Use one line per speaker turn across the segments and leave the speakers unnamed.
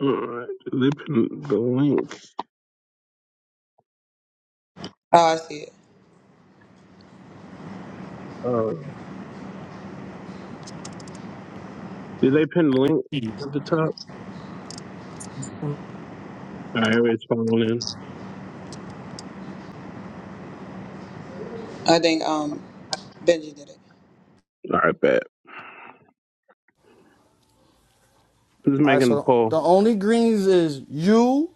Alright, did they pin the link? Oh, did they pin the link
All
at the top?
right,
Alright, it's falling in. Alright, bet. Who's
All right,
making the
so
poll?
the only greens is you,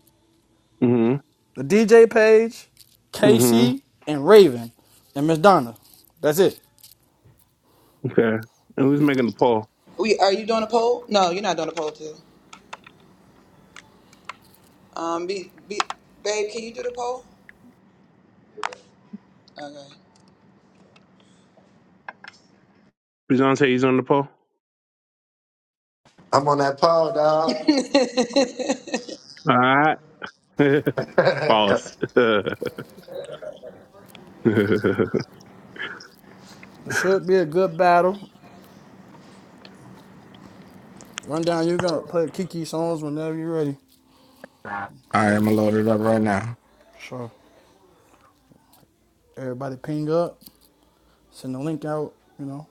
Mm-hmm.
the DJ page,
Mm-hmm.
Casey, and Raven, and Miss Donna. That's it.
Okay. And who's making the poll? Beyonce, he's on the poll?
I'm on that pole, dog.
Alright. False.
the
hmm
It should be a good battle. Run down. You're gonna play Kiki songs whenever you're ready.
I'm gonna load it up right now.
Sure. Everybody ping up. Send the link out. You know.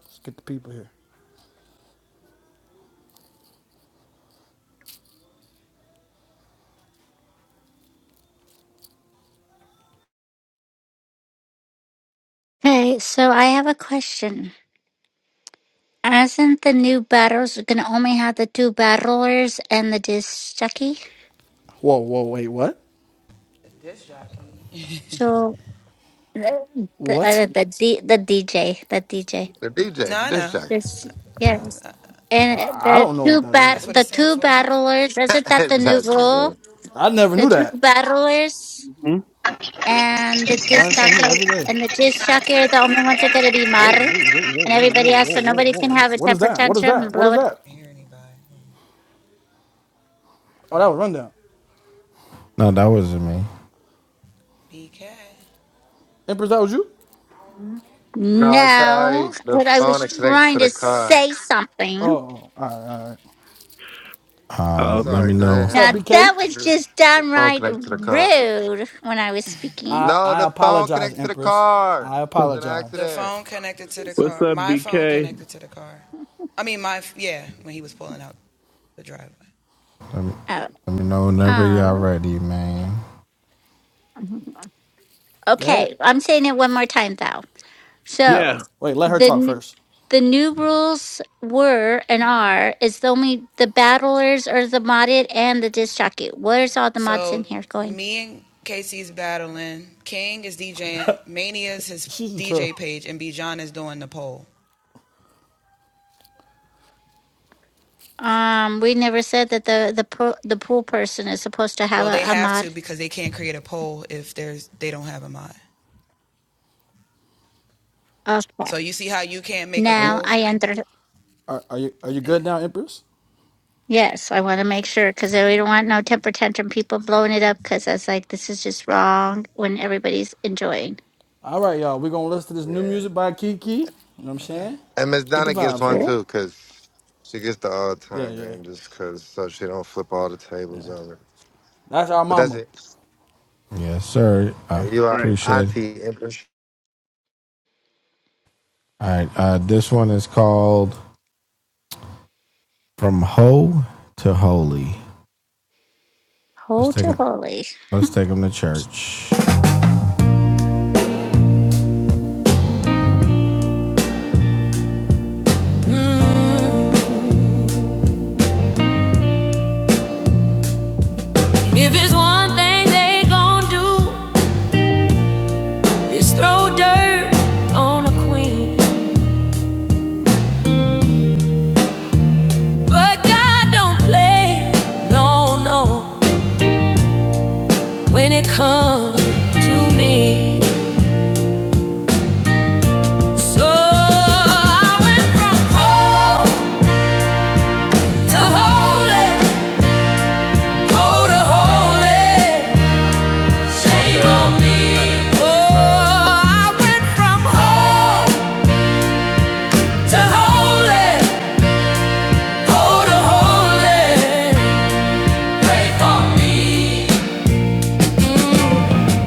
Let's get the people here.
Okay, so I have a question. Isn't the new battles going to only have the two battlers and the disjockey?
Whoa, whoa, wait, what?
So the the,
What?
uh, the D, the DJ, the DJ.
DJ, the disc jockey.
This yes. yes. And
I
the
don't know what
two
that
bat
is.
the two battlers, isn't that the
That's
new
just
rule?
it.
I never
The
knew
two
that.
battlers and the
You learn something new
disjockey
every day.
and the disjockey are the only ones that are going to be
Whoa,
modded,
whoa, whoa, whoa,
and
whoa, whoa,
everybody else.
whoa,
So
whoa,
nobody
whoa,
can
whoa.
have a
What is
temper
that? What is
tantrum and
that? What
blow
is
it
that? Oh, that was rundown.
No, that wasn't me.
Empress, that was you?
no,
No,
sorry. The
but I
phone
was
is connected to
trying to
the car.
say
Oh,
something.
all right, all right.
Uh,
oh, okay.
let
Sorry,
me
go
know.
What's
ahead.
up,
Now
BK?
that was
Andrew.
just
The phone
downright
connected to the car.
rude when I was speaking.
I
No,
I
the phone
apologize,
connected to the
Empress.
car.
I
It was an
apologize.
accident.
What's up, BK?
Let me,
Oh,
let me know whenever y'all
oh.
ready, man.
Go ahead.
Okay, I'm saying it one more time though. So
Yeah.
Oh, wait, let her
the
talk
n-
first.
the new rules were and are is the only the battlers are the modded and the disc jockey. Where's all the mods in here going?
She's a troll.
Um, we never said that the the pro, the pool person is supposed to have a, a mod. Okay.
Are you
Now I enter.
are, are you are you good now, Empress?
Yes, I want to make sure because we don't want no temper tantrum people blowing it up because I was like, this is just wrong when everybody's enjoying.
All right, y'all. We're gonna listen to this new
Yeah.
music by Kiki. You know what I'm saying?
And Miss
Let's get the
Donna gets
vibes
one
going.
Sure.
too, because she gets the all
Yeah,
time
yeah,
green just because so she don't flip all the
yeah.
tables over.
That's our
But that's
mama.
it.
Yes, sir. I
And You are
Right.
appreciate it.
auntie Empress.
All right. Uh, this one is called "From Ho to Holy." Let's
Hold
take
your
them.
holy.
Let's take them to church. Mm, If it's one thing they gon' do, it's throw dirt on a queen. But God don't play. No, no. when it comes to me. So I went from cold to holy, cold to holy.
My
Shame
bad.
on
Had an
me.
important call.
Oh, I went from cold to holy, cold to holy. Pray for me.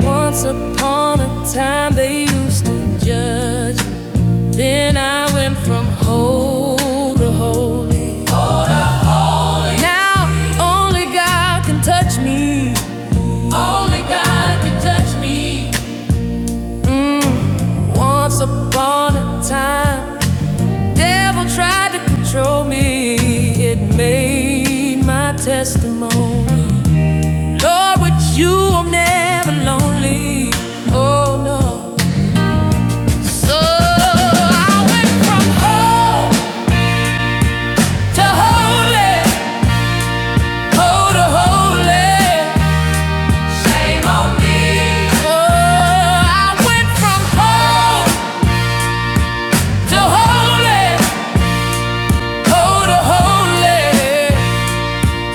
Once upon a time they used to judge. Then I went from hole to holy. Now only God can touch me. Only God can touch me. Mm, once upon a time, the devil tried to control me. It made my testimony. Lord, with you I'm never lonely. Oh no. So I went from home to holy. holy. Shame on me. Oh, I went from home to holy. holy.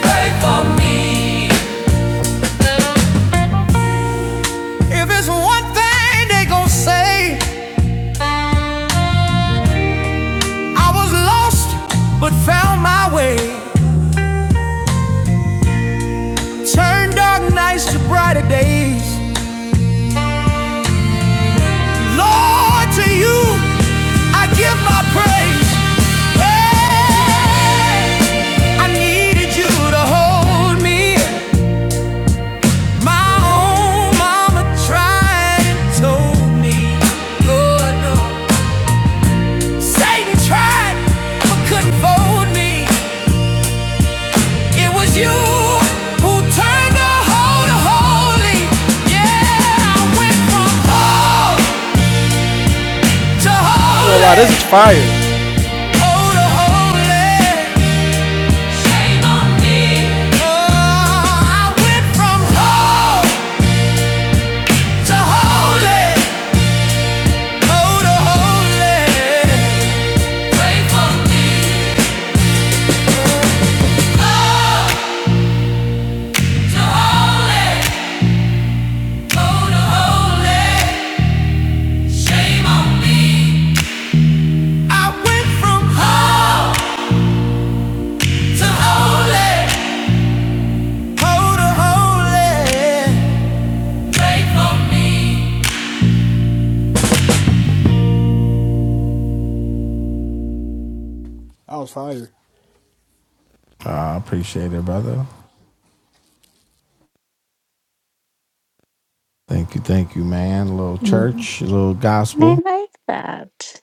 Pray for me. If it's one thing they gon' say, I was lost but found my way. Turned dark nights to brighter days. Lord, to you I give my praise. Hey, I needed you to hold me. My own mama tried and told me, Lord, no. Satan tried but couldn't fold me. It was you who turned the whole to holy. Yeah, I went from whole to
I ain't gonna lie,
holy,
this is fire.
oh to holy. Shame on me. I went from home to holy, oh to holy. Pray for me, oh to holy, oh to holy. Shame on me. I went from home to holy, oh to holy. Pray for me.
That was fire.
I appreciate it, brother. Thank you, thank you, man. A little
hmm
church, a little
I
gospel.
like that.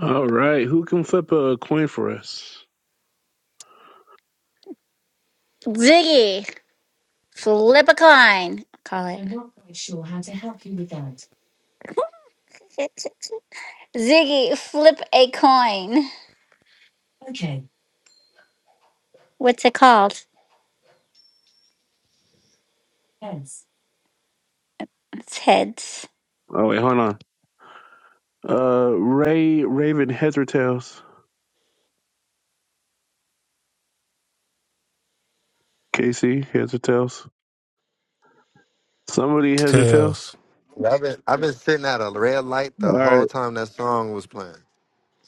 Alright, who can flip a coin for us?
Ziggy, flip a coin. Call it. Ziggy, flip a coin. What's it called? It's heads.
Oh, wait, hold on. Uh, Ray, Raven, heads or tails? Casey, heads or tails? Somebody heads or tails?
Tails.
I've been I've been sitting at a red light
All
the whole
right.
time that song was playing.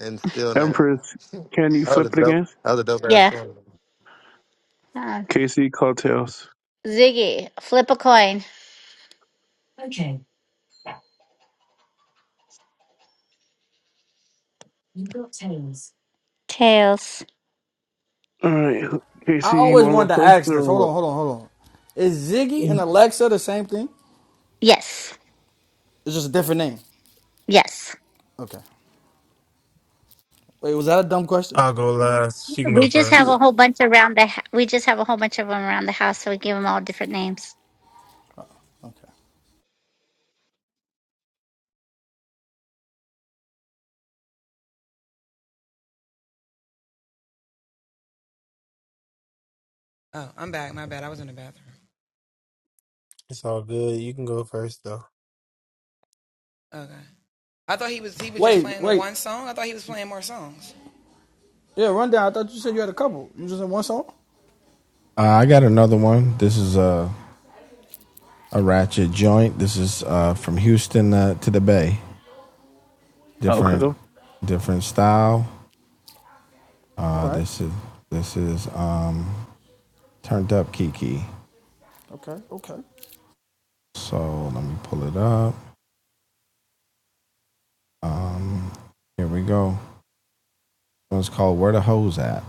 and still now.
Empress, can you
That
flip
was
it
a dope.
again?
That was a dope ass
Yeah.
song.
Uh,
Casey, call tails.
Ziggy, flip a coin. Tails.
All right.
I
Casey, you
always
want to go
wanted to
first
ask this.
or
Hold
what?
on, hold on, hold on. Is Ziggy and Alexa the same thing?
Yes.
It's just a different name.
Yes.
Okay. Wait, was that a dumb question?
I'll go last. She can go
We just have a
first.
whole bunch around the. h- We just have a whole bunch of them around the house, so we give them all different names.
Okay.
It's all good. You can go first though.
Wait, wait. Yeah, rundown. I thought you said you had a couple. You just had one song.
Uh, I got another one. This is a a ratchet joint. This is uh, from Houston uh, to the Bay.
Okay,
Different
go.
different style.
All
Uh,
right.
this is this is um, turned up Kiki.
Okay. Okay.
So let me pull it up. Here we go. This one's called Where the Hoes At.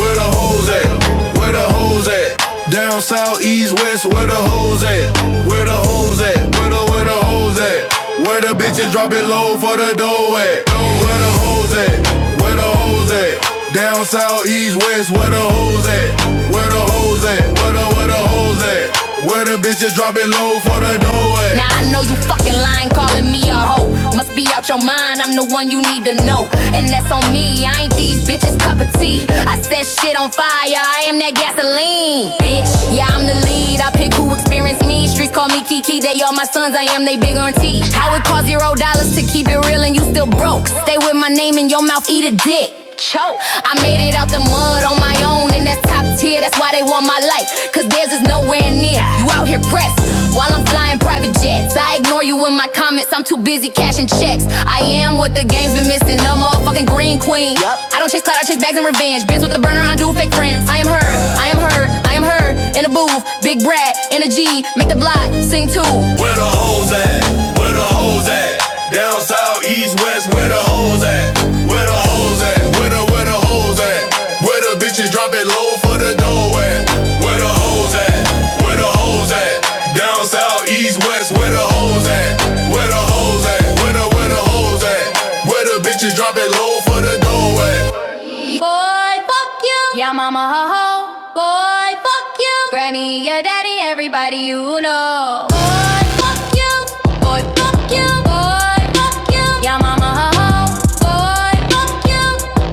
Where the hoes at? Where the hoes at? Down south, east, west, where the hoes at? Where the hoes at? Where the where the hoes at? Where the bitches drop it low for the dough at? Where the hoes at? Where the hoes at? Down south, east, west, where the hoes at? Where the hoes at? Where the where the hoes at? Where the bitch just drop it low for the doorway. Now I know you fucking lying, calling me a hoe. Must be out your mind, I'm the one you need to know. And that's on me, I ain't these bitches cup of tea. I set shit on fire, I am that gasoline. Bitch, yeah, I'm the lead, I pick who experience me. Streets call me Kiki, they all my sons, I am they big auntie. How would cost zero dollars to keep it real and you still broke. Stay with my name in your mouth, eat a dick choke. I made it out the mud on my own, and that's top tier. That's why they want my life, cause theirs is nowhere near. You out here pressed while I'm flying private jets. I ignore you in my comments, I'm too busy cashing checks. I am what the game's been missing, the motherfucking green queen. Yep. I don't chase clout, I chase bags and revenge. Bitch with the burner, I do fake friends. I am her, I am her, I am her. In a booth, big brat, in a G, make the block sing too. Where the hoes at? Where the hoes hoes at? Down south, east, west, where the hoes at? Where the hoes at? Where the where the hoes at? Where the bitches drop it low for the dough at? Where the hoes at? Where the hoes at? Down south, east, west, where the hoes at? Where the hoes at? Where the where the hoes at? Where the bitches drop it low for the dough at? Boy, fuck you. Yeah, mama, ho, ho. Boy, fuck you. Granny, your daddy, everybody you know. Boy, fuck you. Boy, fuck you. Boy, fuck you. Yeah, mama, ho, ho. Boy, fuck you.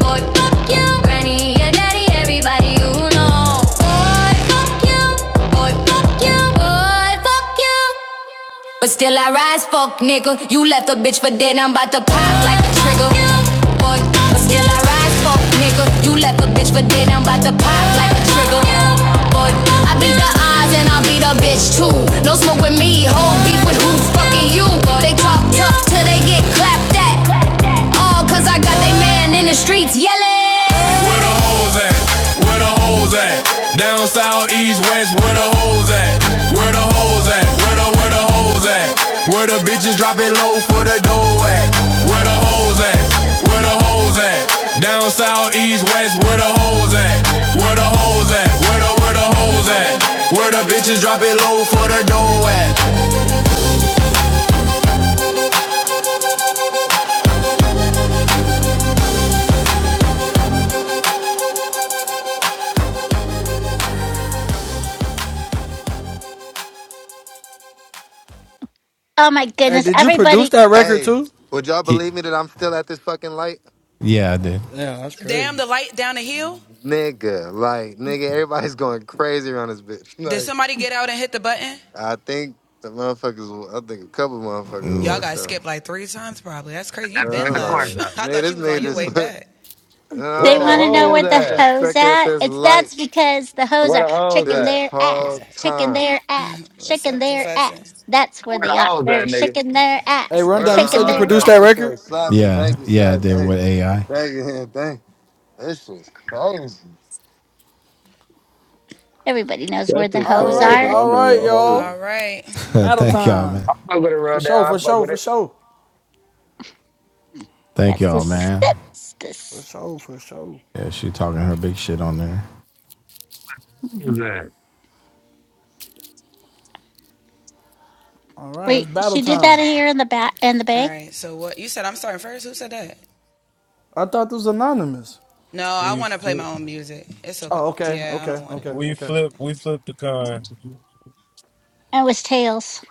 Boy, fuck you. Granny, your daddy, everybody you know. Boy, fuck you. Boy, fuck you. Boy, fuck you. But still I rise, fuck nigga. You left a bitch for dead, I'm about to pop like a trigger. Boy, but still I rise, fuck nigga. You left a bitch for dead, I'm about to pop like a trigger. Boy, I beat the odds and I beat a bitch too. No smoke with me, whole beef with who? Fucking you. They talk tough till they get clapped at. All cause I got they man in the streets yelling. Where the hoes at? Where the hoes at? Down south, east, west, where the hoes at? Where the hoes at? Where the where the hoes at? Where the bitches drop it low for the dough at? Where the hoes at? Where the hoes at? Down south, east, west, where the hoes at? Where the hoes at? Where the where the hoes at? Where the bitches drop it low for the dough at?
Oh my
Hey,
goodness!
did you produce
Everybody,
that record
Hey,
too?
would y'all believe me that I'm still at this fucking light,
yeah, I did.
Yeah, that's crazy.
nigga? Like, nigga, everybody's going crazy around this bitch. Like, I think the motherfuckers. I think a couple motherfuckers walked out. And
That's where
I'm
the
like,
corn brother.
nigga, this nigga just
Where
they
the
want
No,
to know
nigga,
hoes
where the
I've been
at?
hoes
stuck at
at.
this
It's
light
that's because the hoes
Where
are
the hoes
shaking
this
at?
their ass,
whole
hey,
shaking
time.
their ass, shaking their ass. That's where
Where the
they are.
hoes
They're
at, nigga?
shaking their ass. They're
Where the
rundown. You
shaking
said you
hell is
their
produced
that?
ass.
that
That shit
record.
is slapping.
Yeah,
Thank you,
yeah, I
sir.
did
Thank
with
you.
AI.
Thank you. Thank you. This shit's crazy.
Everybody knows where
That's
the
a
All
hoes
call,
right.
are.
bro.
All
I'm not a
right,
hold
y'all.
you.
Battle
Thank y'all, man.
time.
I fuck with it real
For
down.
sure.
I
For
fuck
sure.
with
For
it.
sure.
Thank
That's the
y'all, man.
steps.
For
This.
sure. For sure.
Yeah, she talking her big shit on there.
Mhm.
Who's that?
All right. It's
Wait,
battle
she did that
time.
here in the bat in the bay.
I thought this was anonymous.
We flip.
Oh, okay. Okay. Okay.
We
Okay.
flip. We flip the coin.
It was tails.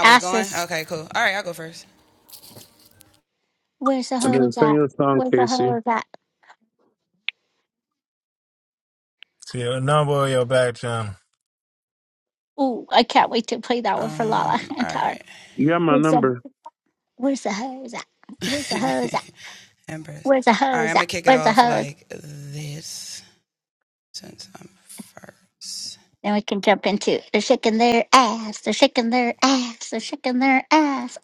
Asses. Where's the
And then
hoes
send
at?
your song,
Where's the
Casey.
hoes at?
See a number on your back channel.
Ooh, I can't wait to play that one for Lala and Tara.
You got my
Where's the
number.
where's the hose at? Where's the hose at? Where's the hose at? Where's the hose? Then we can jump into they're shaking their ass, they're shaking their ass, they're shaking their ass.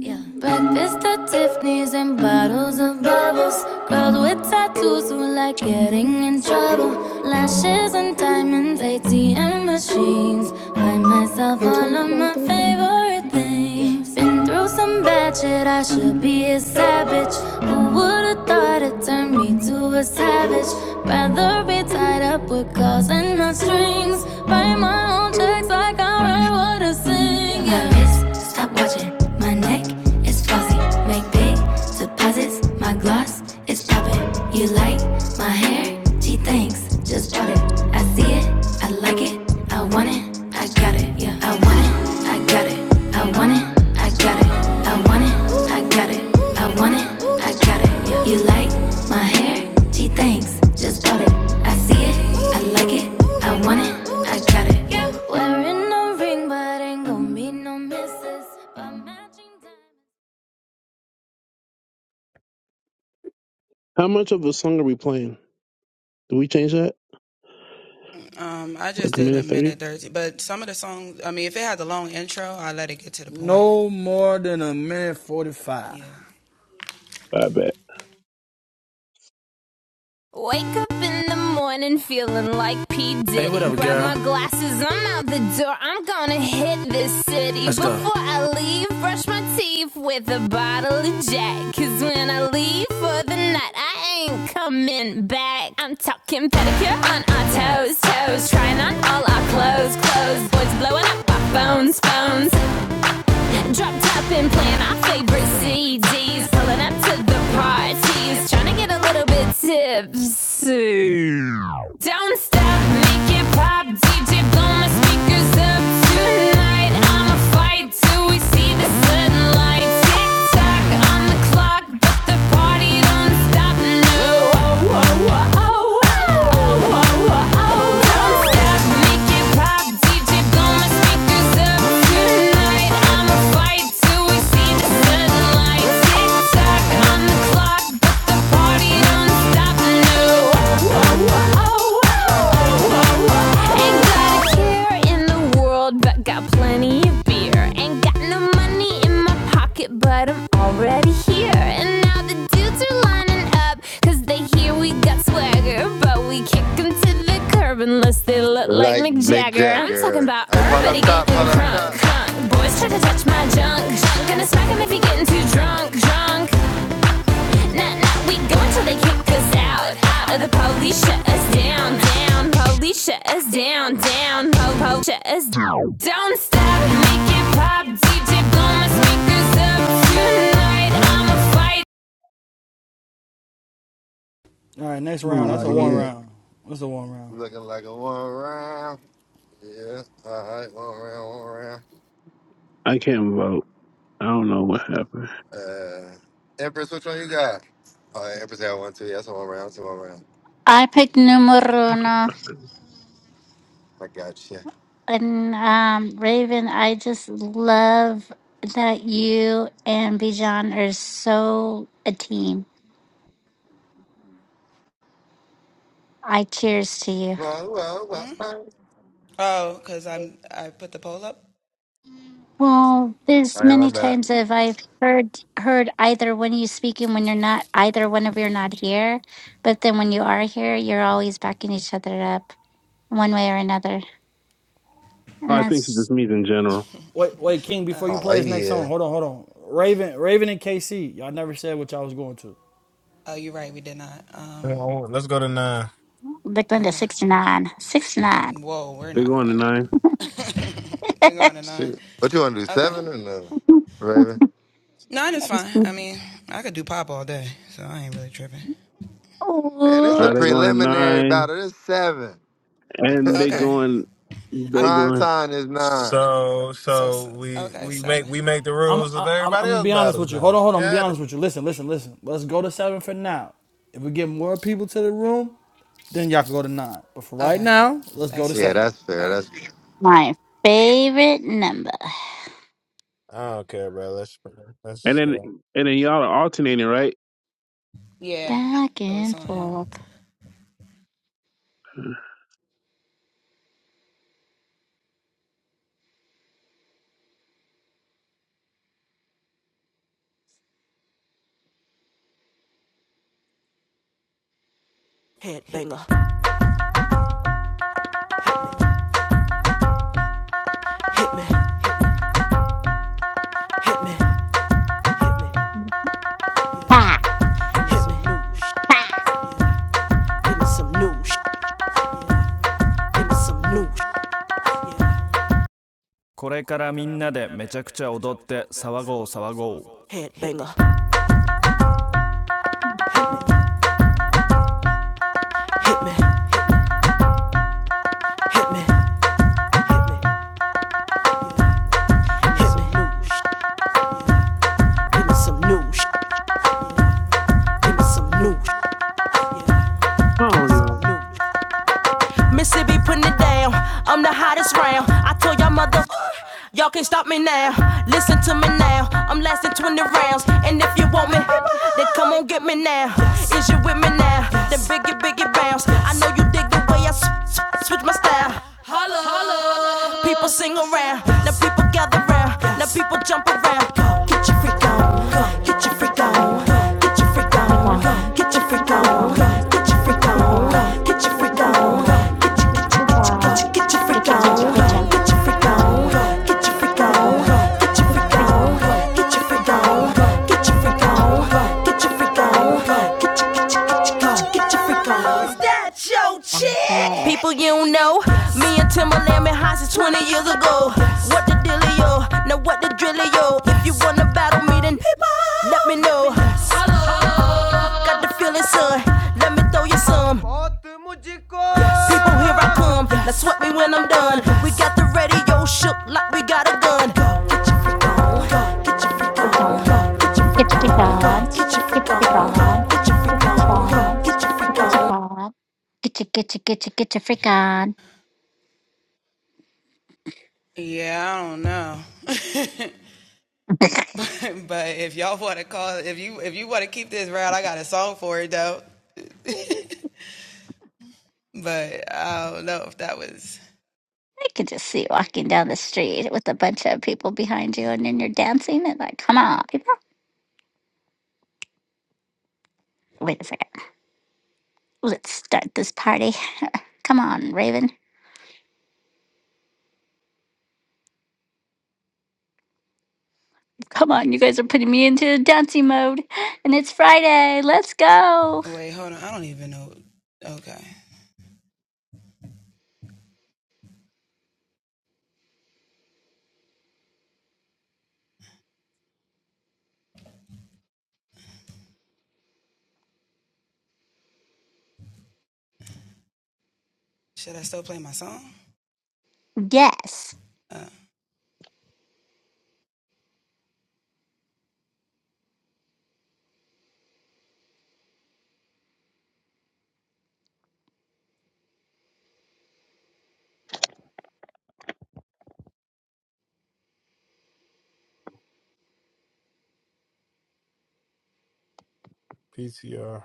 Yeah. Breakfast at Tiffany's and bottles of bubbles. Girls with tattoos who like getting in trouble. Lashes and diamonds, ATM machines. Buy myself all of my favorite things. Been through some bad shit, I should be a savage. Who would've thought it turned turn me to a savage. Rather be tied up with calls and not strings. Write my own checks like I write what I sing. Yeah. My wrist, stop watching. My neck is fuzzy. Make big deposits. My gloss is popping. You like my hair? Gee, thanks. Just bought it. I see it. I like it. I want it. I got it. Yeah. I want it. I got it. I want it. I got it. I want it, I got it. I want it, I got it. You like my hair? Gee, thanks, just bought it. I see it, I like it. I want it, I got it. Wearing a ring, but ain't gon' be no misses.
How much of a song are we playing? Do we change that? Like a minute 30?
No more than a minute forty-five.
I bet.
Wake up in the morning feeling like P. D. Glasses, I'm out the door. I'm gonna hit this city. Before I leave, brush my teeth with a bottle of Jack. Cause when I leave for the night, I ain't coming back. I'm talking pedicure on our toes, toes. Trying on all our clothes, clothes. Boys blowing up our phones, phones. Dropped up and playing our favorite C D's, Pulling up to the parties. Trying to get a little bit tipsy. Don't stop, make it pop, DJ, blow my speakers up tonight. I'ma fight till we see the sunlight. Tick tock on the clock, but the party don't stop. No, oh, oh, oh, oh, oh, oh, oh, oh. Don't stop, make it pop, DJ, blow my speakers up tonight. I'ma fight till we see the sunlight. Tick tock. I'm they unless look like
Like
Mick
Mick
Jagger. I'm talking
Jagger.
about
Hey, pull
everybody
up top,
getting
pull up
crunk,
top.
crunk. Boys try to touch my junk, junk. Gonna smack him if he getting too drunk, drunk. Nah, nah, we go until they kick us out. Out of the police, shut us down, down. Police, shut us down, down. Po, po, shut us down. Don't stop, make it pop. DJ, blow my speakers up tonight. I'ma fight.
All right, next round. That's
Oh,
a one
yeah.
Mhm.
round. That's a one round.
Looking like a one round. Yeah. All right, one round, one round.
I can't vote. I don't know what happened.
Uh, Empress, which one you got? Oh, yeah, Empress got one, too. That's a one round, that's a one round.
I picked numero uno
I got you.
and um Raven, I just love that you and Bijan are so a team. I cheers to you.
Whoa, whoa, whoa. whoa. All
Well, there's
right, my
many
bad.
times that I've heard heard either when you speak and when you're not, either whenever you're not here, but then when you are here, you're always backing each other up one way or another. And
I think it
that's
just means in general.
Wait, wait, King. Before you
Oh,
play his next song,
yeah.
hold on, hold on. Raven, Raven and KC. Y'all never said what y'all was going to.
Oh, Let's go to nine.
the Glenda 69. 69.
They going to nine.
Shoot. What you want to do, seven or no, Raven? Man, that's
All
a
Ooh,
right, they going to
preliminary
nine.
battle. It's seven.
And they going, they
Prime
going.
time is nine.
So, so we we make we make the
I'm,
rules of
I, I'm,
everybody
I'm gonna
else
be honest
battles
with you. Hold
now.
on, hold on. I'm gonna be
Yeah.
honest with you. Listen, listen, listen. Let's go to seven for now. If we get more people to the room, then y'all can go to nine. But for right now, let's go to
Yeah,
seven.
that's fair. That's
my favorite number.
I don't care, bro. Let's let's
And
just
then
go.
and then y'all are alternating, right?
Back and forth.
Headbanger, hit me, hit me, hit
Ha!
me,
Ha!
hit me, new sh- give me some new sh- give me some new sh- Headbanger, hit me, hit me, hit me, hit me, new give me some new sh- give me some new sh-
Oh no.
Missy be putting it down. I'm the hottest round. I told y'all mother, y'all can't stop me now. Listen to me now. I'm lasting 20 rounds. And if you want me, then come on get me now. Is you with me now? Then biggie, biggie bounce. I know you dig the way I switch my style. People sing around, now people gather round, now people jump around. Go Get your freak on, go get your freak on, go get your freak on, go
Tipikan,
get your freak
tipikan,
on,
tipikan,
go get your freak on,
tipikan,
go, get your
tipikan, tipikan,
freak
tipikan,
on, go, get your,
tipikan,
get your,
tipikan, tipikan,
get your.
tipikan, tipikan, tipikan.
People you know, me and Timberland been high since 20 years ago. What the dealio? Now what the drillio? If you wanna battle me, then let me know. Got the feeling, son. Let me throw you some. People, here I come. Now sweat me when I'm done. We got the radio shook like we got a gun. Go, get your freak on. Go, get your freak on. Go, get your freak on. Go, get your freak on. Go, get your freak on. Go, get your freak
Get your, get your, get your, get your freak on. I could just see you walking down the street with a bunch of people behind you, and then you're dancing, and like, come on, people. Wait a second. Let's start this party. Come on, Raven. Come on, you guys are putting me into the dancing mode. And it's Friday. Let's go. Yes.
PTR.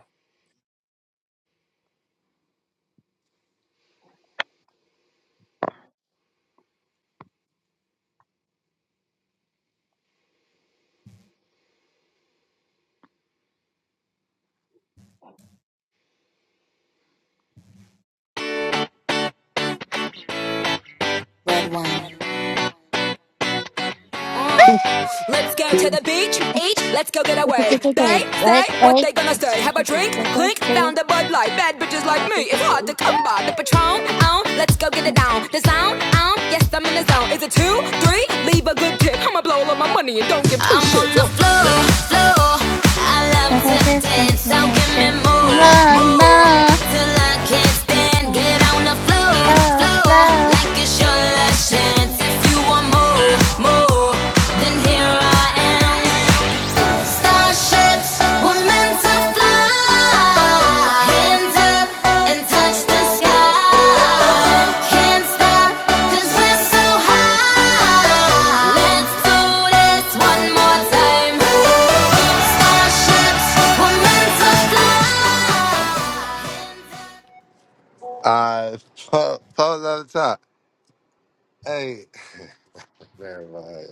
Mm.
that's
Let's go to
Good.
the beach,
Woo!
eat, let's go get a wave. They say
Right,
what
right.
they gonna say. Have a drink, clink, found a Bud Light. Bad bitches like me, it's hard to
Woo!
come by. The Patron, on, let's go get it down. The sound, on, yes, I'm in the zone. Is it two, three? Leave a good tip. I'ma blow all of my money and don't give two shits. I'm on the floor, floor. I love to dance, so give me more, more. Till I can't stand, get on the floor, floor. Like it's your last chance. If you want more, more, then here I am. Starships were meant to fly. Hands up and touch the sky. Can't stop 'cause we're so high. Let's do this one more time. Starship
I pull pull up top. Hey, never mind.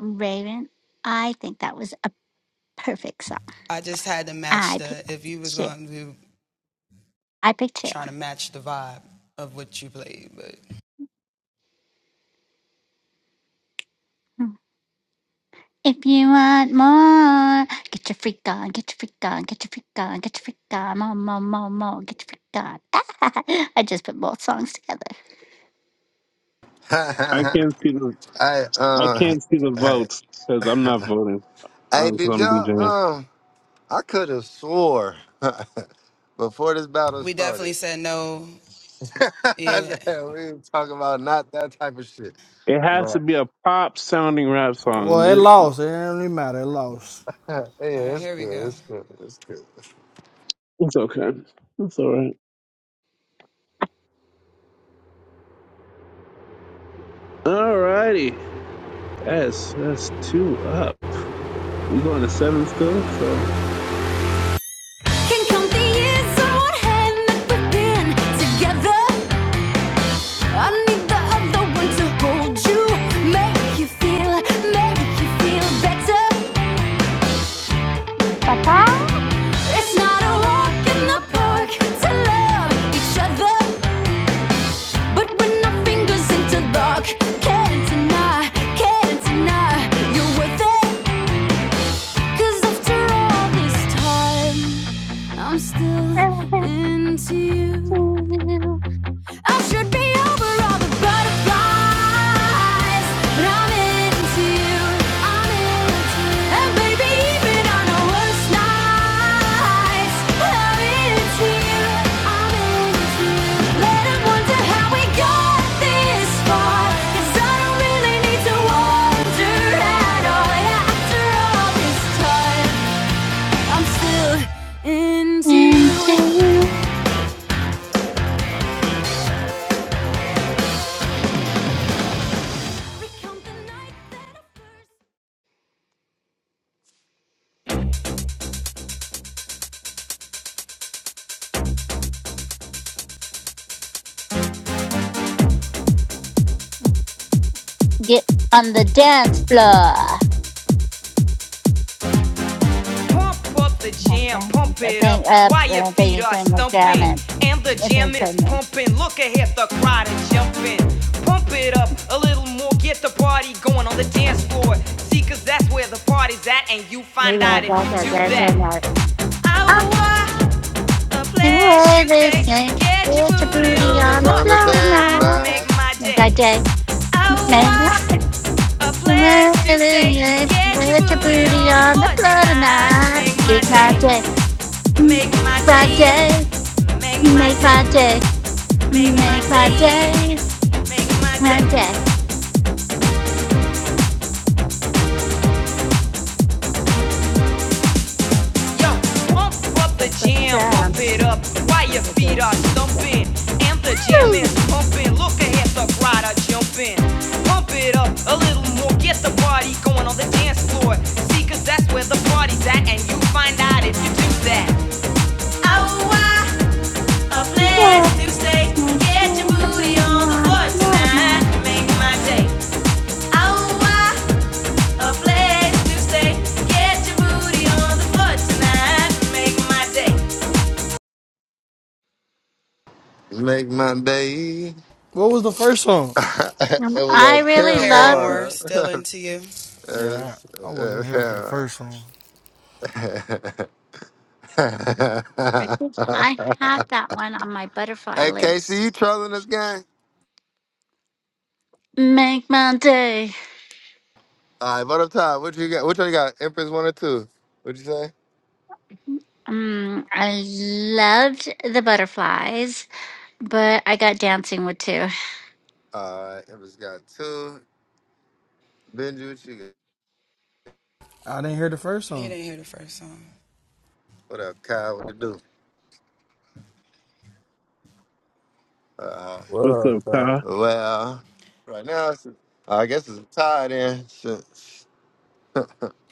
Raven, I think that was a perfect song. I picked. I pick two. If you want more, get your freak on, get your freak on, get your freak on, get your freak on, more, more, more, more, get your freak on. I just put both songs together.
I can't see the
hey,
I
uh,
can't see the
hey,
votes because I'm not voting
hey,
because
did
I'm
y'all?
DJing.
Um, I could have swore before this battle started that we was talking about not that type of shit.
It has to
But
be a pop sounding rap
Well,
song.
it
It-
lost. It didn't really matter. It lost.
yeah, it's good. It's good. It's good.
It's okay. It's all right. All righty. That's that's two up. We going to seven still. So
can come the years on hand that we've been together. I need the other one to hold you, make you feel, make you feel better.
Papa,
It's not a walk in the park to love each other, but when our fingers interlock, can't deny, can't deny you're worth it. 'Cause after all this time, I'm still
I love
into you.
you,
I should be over all the butterflies, but I'm into you. I'm into you. And baby, even on the worst nights, I'm into you. I'm into you. Let 'em wonder how we got this far, 'cause I don't really need to wonder at all. After all this time, I'm still into
and
you.
two. Get on the dance floor.
on. Pump up the
Like
jam,
that, like
pump
that
it
Thing
up
up,
while your
uh,
feet
thing,
are
thing, like that,
stumping.
man.
And the
It's
jam is
insane. man.
pumping. Look ahead, the crowd is jumping. Pump it up a little more, get the party going on the dance floor. See, cause that's where the party's at, and you find
You are
out if
God,
you
God,
do
God,
that.
God,
Ow, ah,
God. Love is name. Put your booty
Really
on the floor
understand?
tonight.
Nah,
Make that day. Make that day, Put your booty on the floor tonight. Make my day. Make my day. Make my day. Make my day.
Make my
My
day.
day.
Yo, pump up the
But the
jam, pump it
drums.
up while your feet are stumping. And the jam is pumping. Look ahead, the crowd are jumping. Pump it up a little more, get the party going on the dance floor. See, cause that's where the party's at, and you find out if you do that. Oh, why a place
Love
to stay.
is nice. Put
Get your
your
booty
booty
on the
on the
floor
floor
tonight.
tonight.
Make my day. Oh, why a place to stay. Get your booty on the floor tonight. Make my day.
make my day.
What was the first song?
it
Um,
was
I
at
really love
Paramore.
Yeah,
Yes,
I wasn't
yes.
here for the first song.
I think I have that one on my butterfly
hey, Casey,
list.
you trolling this game?
Make my day.
All right, what up top? What you got? Which one you got? Empress one or two? What you say?
Mm, I loved the butterflies, but I got dancing with two.
All right, Empress got two. Benji, what you got?
I didn't hear the first song.
What up, Kyle? What you do? Uh,
What
what's
up,
up,
Kyle?
Kyle?
well, right now, it's, I guess it's a tie then. Shit.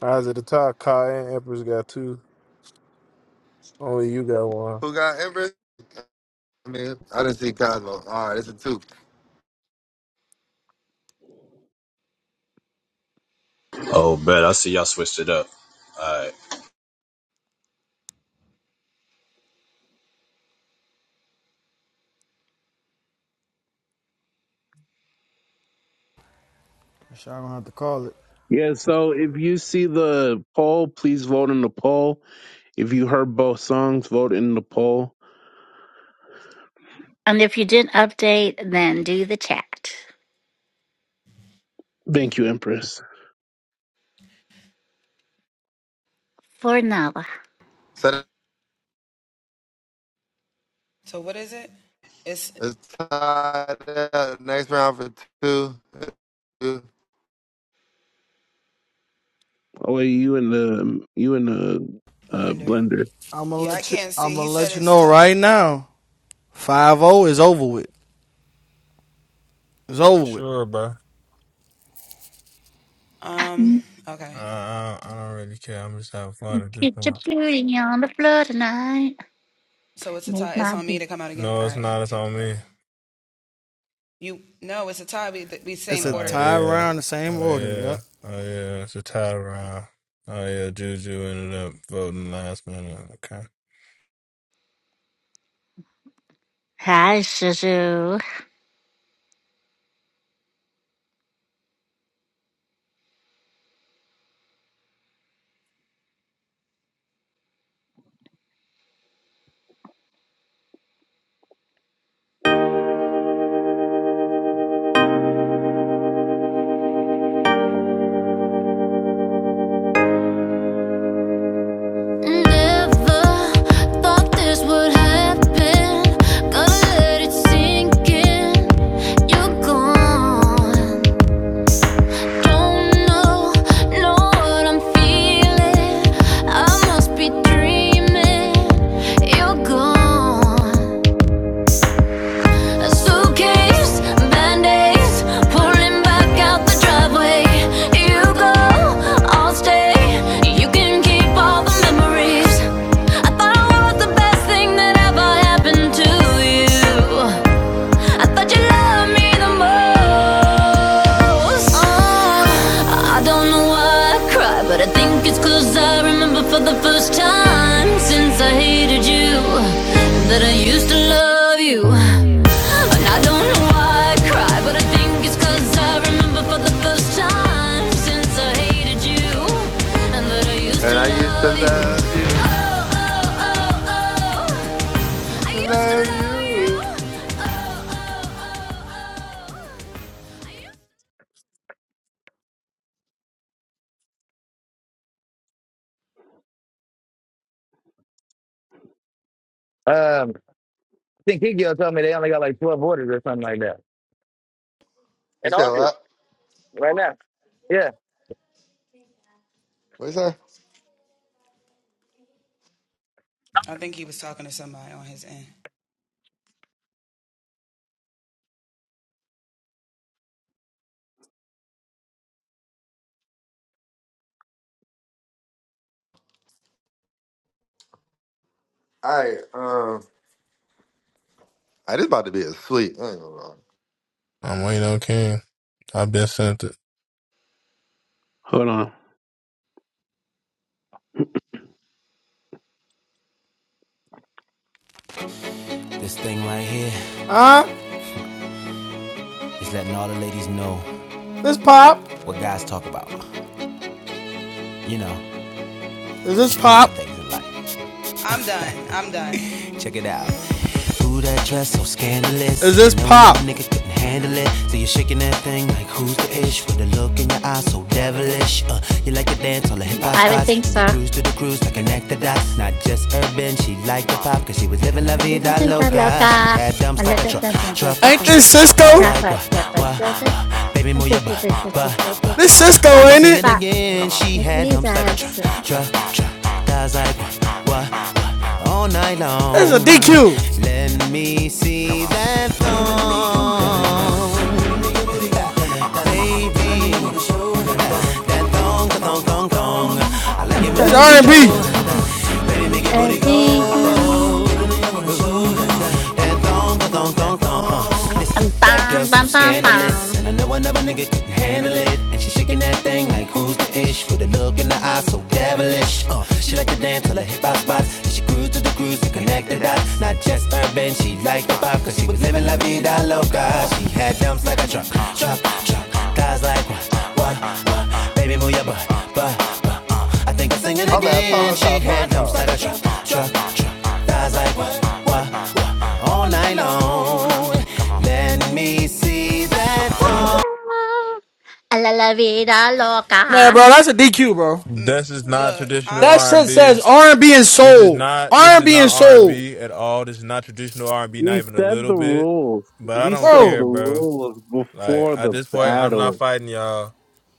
Eyes at the top. Kyle and Empress got two. Only you got one.
Who got Empress? I mean, I didn't see Cosmo. All right, it's a two.
Oh, bet. I see y'all switched it up. All right.
So I don't have to call it.
Yeah. So if you see the poll, please vote in the poll. If you heard both songs, vote in the poll.
And if you didn't update, then do the chat
Thank you, Empress.
for Nala.
So that- it's tied. up. Next round for two.
Oh wait, you in the you in the uh, blender.
I'm gonna let you. I'm gonna let you know right now. Five O is over with. It's over with.
Sure, bro. Uh, I, I don't really care. I'm just having fun at this
Get your
point.
booty on the floor tonight. Make my day.
No, it's not. It's on me.
It's a
Uh,
tie
yeah.
round, the same
Oh
order. Yep.
yeah. Oh yeah. It's a tie round. Oh, yeah. Juju ended up voting last minute. Okay.
Hi, Suzu.
Never thought this would happen. Gotta let it sink in. You're gone. Don't know, know what I'm feeling. I must be dreaming. You're gone. Suitcase, band-aids, pouring back out the driveway. You go, I'll stay. You can keep all the memories. I thought I was the best thing that ever happened to you. I thought you loved me the most. Oh, I don't know why I cry, but I think it's 'cause I remember for the first time since I hated you that I used to love you. And I don't know why I cry, but I think it's 'cause I remember for the first time since I hated you and that I used
And
to
I used to
love you.
love you.
Oh, oh, oh, oh.
Used
I
to
used to
love
love you.
you.
Oh, oh, oh, oh. I used to-
Um, I think Kikyo told me they only got like 12 orders or something like that.
You
In the
said
office,
what?
right now. Yeah.
What you say? All right. Um, I just about to be asleep. I ain't gonna lie.
I'm waiting on King. I've been sent it.
Hold on.
This thing right here
Uh Huh?
is letting all the ladies know
This pop?
what guys talk about. You know,
Is this
the finer
pop?
things in life. Check it out. Ooh, that dress so scandalous.
Is
And you
this
know another
pop?
nigga couldn't handle it. So you're shaking that thing like who's the ish? With a look in your eyes so devilish. Uh, you like to dance on the hip hop
I would
spots.
think
And you
so.
cruise to the cruise like connect the dots. Not just urban, she liked the pop. Cause she was living la
I think I
vida
think I love
loca. She
that.
had
I
dumps
love
like a
that.
truck,
that- that-
truck,
that- that-
Ain't
that-
truck.
this
that- that.
Thighs
Cisco?
Drop
like
it,
what,
drop it,
what,
drop it.
what. Baby, move your butt,
Stop,
butt, butt.
This
Uh,
Cisco
I
stop,
think I'll
ain't
sing
it?
it
stop.
again. She had dumps like a truck, truck, truck. Thighs like what, what, what all night
This is
long.
a DQ.
Let me see that thong, baby, thong thong thong. I like it when
This
the
R
beat,
and
got
B.
baby, make it booty that thong, that thong, thong, thong. Uh. that girl so scandalous, and I know another nigga can handle it. And she shaking that thing like who's the ish, with a look in the eye so devilish. Uh. She like to dance till the hip hop spots, and she cruise to the grooves to connect the dots. Not just urban, she liked the pop, cause she was living la vida loca. She had dumps like a truck, truck, truck. Guys like what, what, what? Baby, move your butt, butt, butt uh, I think I'm singing
My bad.
again.
Polo
She
talk. Polo
had dumps
talk.
like a truck, truck, truck. Thighs like what, what, what? All night long. Let me see that thong.
A la la vida
Man,
loca.
bro, that's a DQ, bro.
This is not traditional
That shit
R&B.
says R and B and
This is
soul.
not.
R
This
and
is
B
not
and soul,
R&B at all. This is not traditional R&B, not
We
even a
said
little
the
bit.
rules.
But I
We
don't
said the
care,
bro.
bro.
rules
Like
before
at
the
this point, I'm not
battle.
fighting y'all.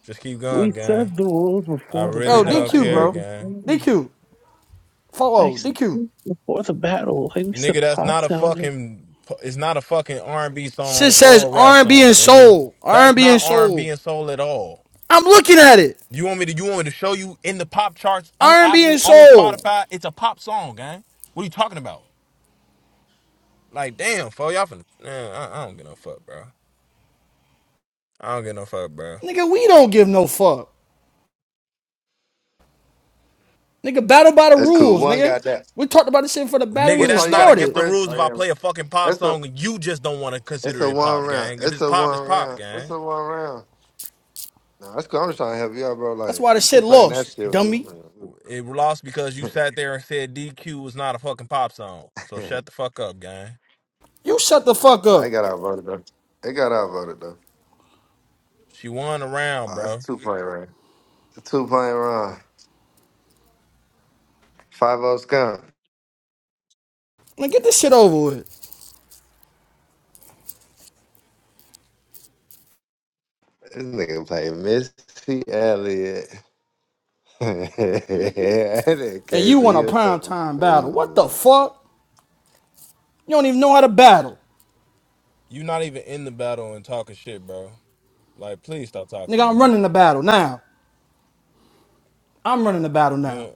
Just keep
We
going, gang.
said the rules
I
before the
really
Bro,
battle.
don't
I
DQ,
know
care,
what
bro.
you're
gang.
saying.
DQ.
I
Follow
said
DQ.
this before the battle. Like we said
Nigga, that's
pop
not a
sounding.
fucking. It's not a fucking R and B song
Shit says
or a rap
R&B and B
song,
and
nigga.
soul. R&B and
That's
B
not
and
R and B
soul.
and soul at all.
I'm looking at it.
You want me to? You want me to show you in the pop charts on
R&B and B
Apple
and
on
soul.
Spotify? It's a pop song, gang. What are you talking about? Like, damn, fo, y'all finna. Man, I, I don't give no fuck, bro. I don't give no fuck, bro.
Nigga, we don't give no fuck. Nigga, battle by the
That's cool.
rules,
One
nigga.
got that.
We talked about this shit before the battle
Nigga,
What
even
song
that's
you
not
got,
against
started.
the
Empress?
rules
Oh
if I
yeah.
play a fucking pop
That's a.
song and you just don't want to
It's
consider
a
it
one
pop,
round.
gang. If
It's
it's
a
pop, it's
one
pop,
round. It's
gang.
a one round. Nah, that's cool. I'm just trying to help you out, bro.
That's
Like
why the
you
shit
keep playing that
lost,
shit. with
dummy.
It lost because you sat there and said DQ was not a fucking pop song. So shut the fuck up, gang.
You shut the fuck
nah, I
up.
got outvoted though. They got outvoted though.
She won a round,
Oh, it's a
bro.
two point round. It's a two point round. Five zero scum.
Man, get this shit over with.
This nigga play Missy Elliott. that
And you want a
Casey.
prime
Hill.
time battle. What the fuck? You don't even know how to battle.
You not even in the battle and talking shit, bro. Like, please stop talking to
Nigga, I'm
me.
running the battle now. I'm running the battle
You,
now.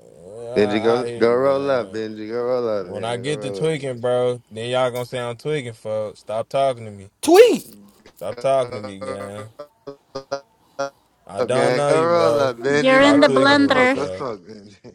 Benji,
I,
go
I hear
go
you,
roll up,
man.
Benji. Go roll up,
When I
man. Go
get to
roll up,
tweaking,
man.
bro, then y'all gonna say I'm tweaking, folks. Stop talking to me.
Tweet.
Stop
Go
talking to me, gang.
roll
I
up,
don't
gang.
know
Go
you,
roll up,
bro. Just
You're
Benji. Go
in
stop
the
roll, go
tweaking with me,
smoke.
blender.
Go
folks.
smoke, Benji.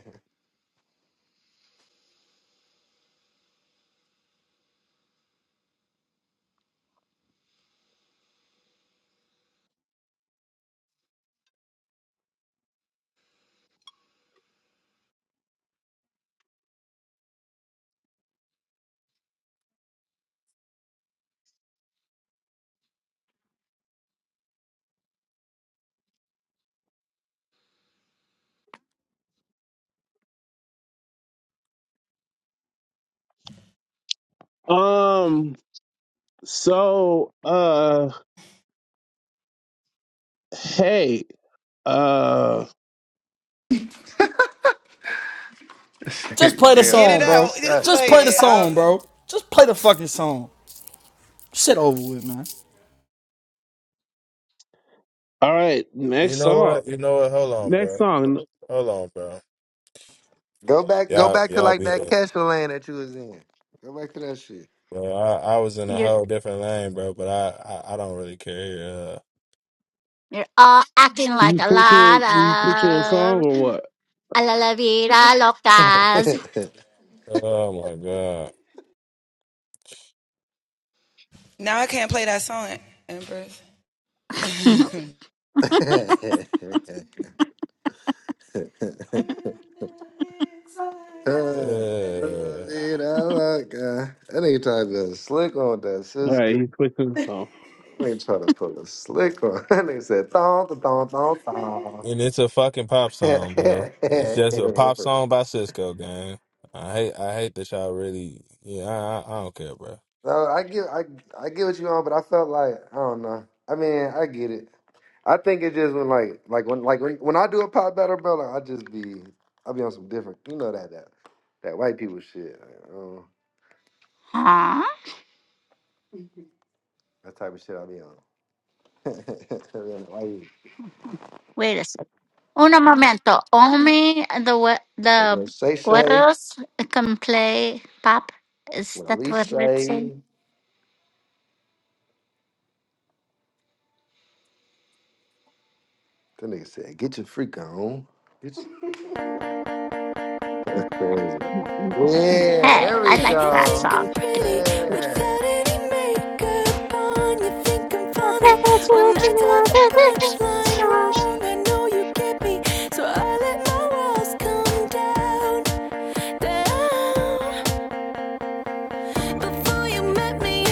Um so uh hey, uh
Just play the
Hell, they
song,
not
bro.
distracted.
Just play the song, bro. Just play the fucking song. Shit over with, man.
all right,
You
next
know
song.
what? You know what? Hold on,
Next
bro.
song.
Hold on, bro.
Go back. Go
Y'all,
back to
y'all
like
be.
that castle lane that you was in. Go back to that shit.
Bro, I, I was in a
You're
whole different lane, bro, but I, I, I don't really care. Uh,
you're all acting like
You
a lot
switching you switching a song
of
or what?
a la la vida locas.
oh my God.
You
Uh,
know, like, uh, That ain't trying to put a slick on that,
All
sis.
right, he's switching the song.
I ain't trying to pull a slick on. That ain't said thong, thong, thong, thong.
and it's a fucking pop song, bro. It's just a pop song by Cisco, gang. I hate I hate that y'all really yeah, I, I I don't care, bro.
No, I get, I, I get what you on, but I felt like I don't know. I mean, I get it. I think it just when like, like when, like when, when I do a pop battle, bro, like, I just be, I be on some different, you know that that that white people shit, like, um,
Huh?
that type of shit I be on. Why you-
Wait a second. Un momento. Only the we-
That
the
girl say say,
guerreros can play pop. Is
when I
that
least
what we're
say,
saying?
the nigga said, get your freak on. Get your- crazy. Yeah,
Hey,
there
I
we
like that
go.
song.
Yeah.
Before you met me,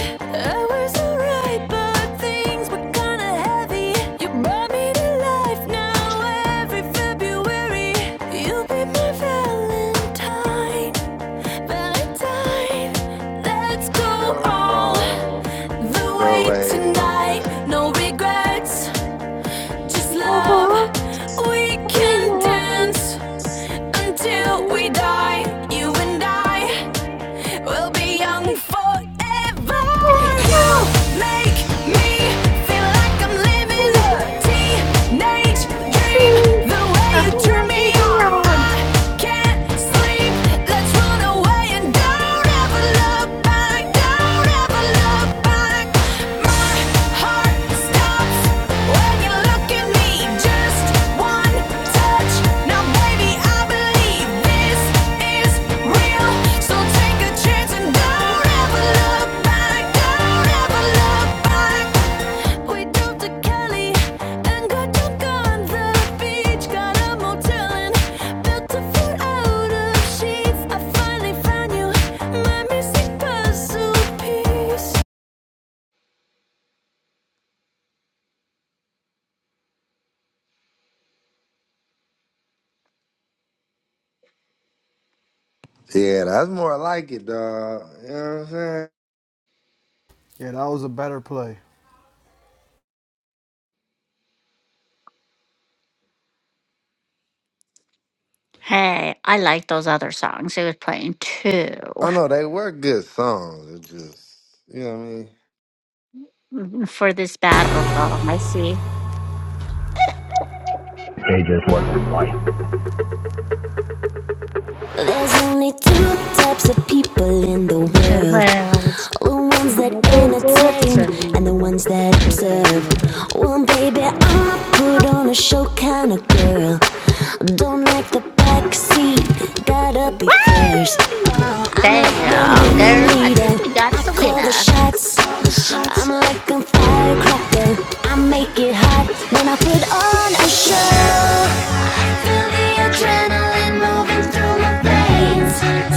I was alright, but things were kinda heavy. You brought me to life now every February. You'll be my Valentine, Valentine. Let's go
Still
all
uh
the
the
way
way from
tonight.
her.
No regrets, just love. We can dance until we die. You and I will be young forever. You make me feel like I'm living a teenage dream. The way you turn me on, I can't sleep. Let's run away and don't ever look back. Don't ever look back. My heart stops when you look at me. Just one touch. Now, baby, I believe this is real. So take a chance and don't ever look back. Don't ever look back. We drove to Cali and got drunk on the beach. Got a motel and built a fort out of sheets. I finally found you, my missing puzzle piece.
Yeah, that's more like it, dog. You know what I'm saying?
Yeah, that was a better play.
Hey, I like those other songs he was playing too
Oh no, they were good songs. It just you know what I mean?
for this battle song. I see.
They just wasn't white.
There's only two types of people in the world
well,
the ones that
what is it?
entertain and the ones that observe. Well, baby, I'm a put on a show kind of girl. Don't like the backseat, gotta be first. I'm like the
Damn, girl, I
ringleader,
think we got
I
us a
call the
winner.
shots. I'm like a firecracker, I make it hot when I put on a show. Feel the adrenaline moving through my veins.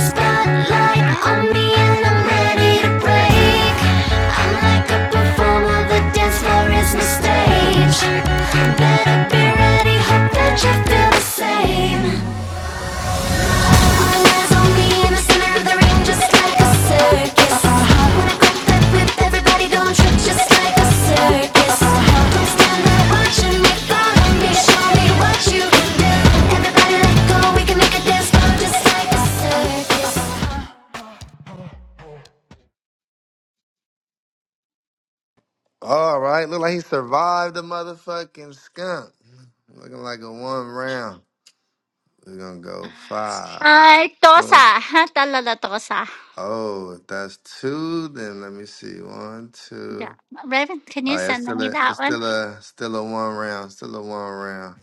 Spotlight on me and I'm ready to break. I'm like a performer, the dance floor is my stage. Better be ready, hope that you feel the same.
All right, look like he survived the motherfucking skunk. Looking like a one round. We're gonna go five,
Hi,
four.
Tosa. Talala Tosa.
Oh, if that's two, then let me see. One,
Yeah.
two.
Raven, can
Oh,
you
yeah, it's
send
still
me
a, it's
that one?
still a, still a one round, still a one round.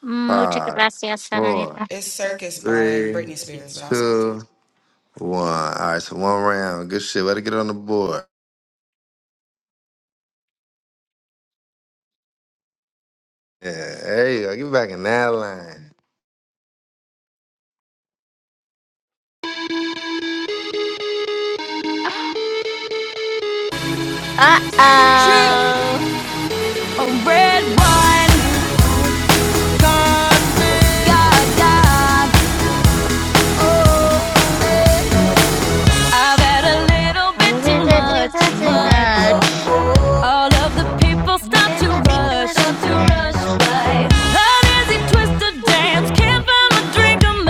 Muchas
Five,
gracias,
four,
señorita.
three, two, one. All right, so one round. Good shit. Way to get on the board. Yeah, there you go. Get back in that line.
Uh-oh. Oh, Oh, God. I think that's just
Much,
pretty
much. All of the people stop to rush, stop to rush by. An easy twist to dance, can't find a drink I'm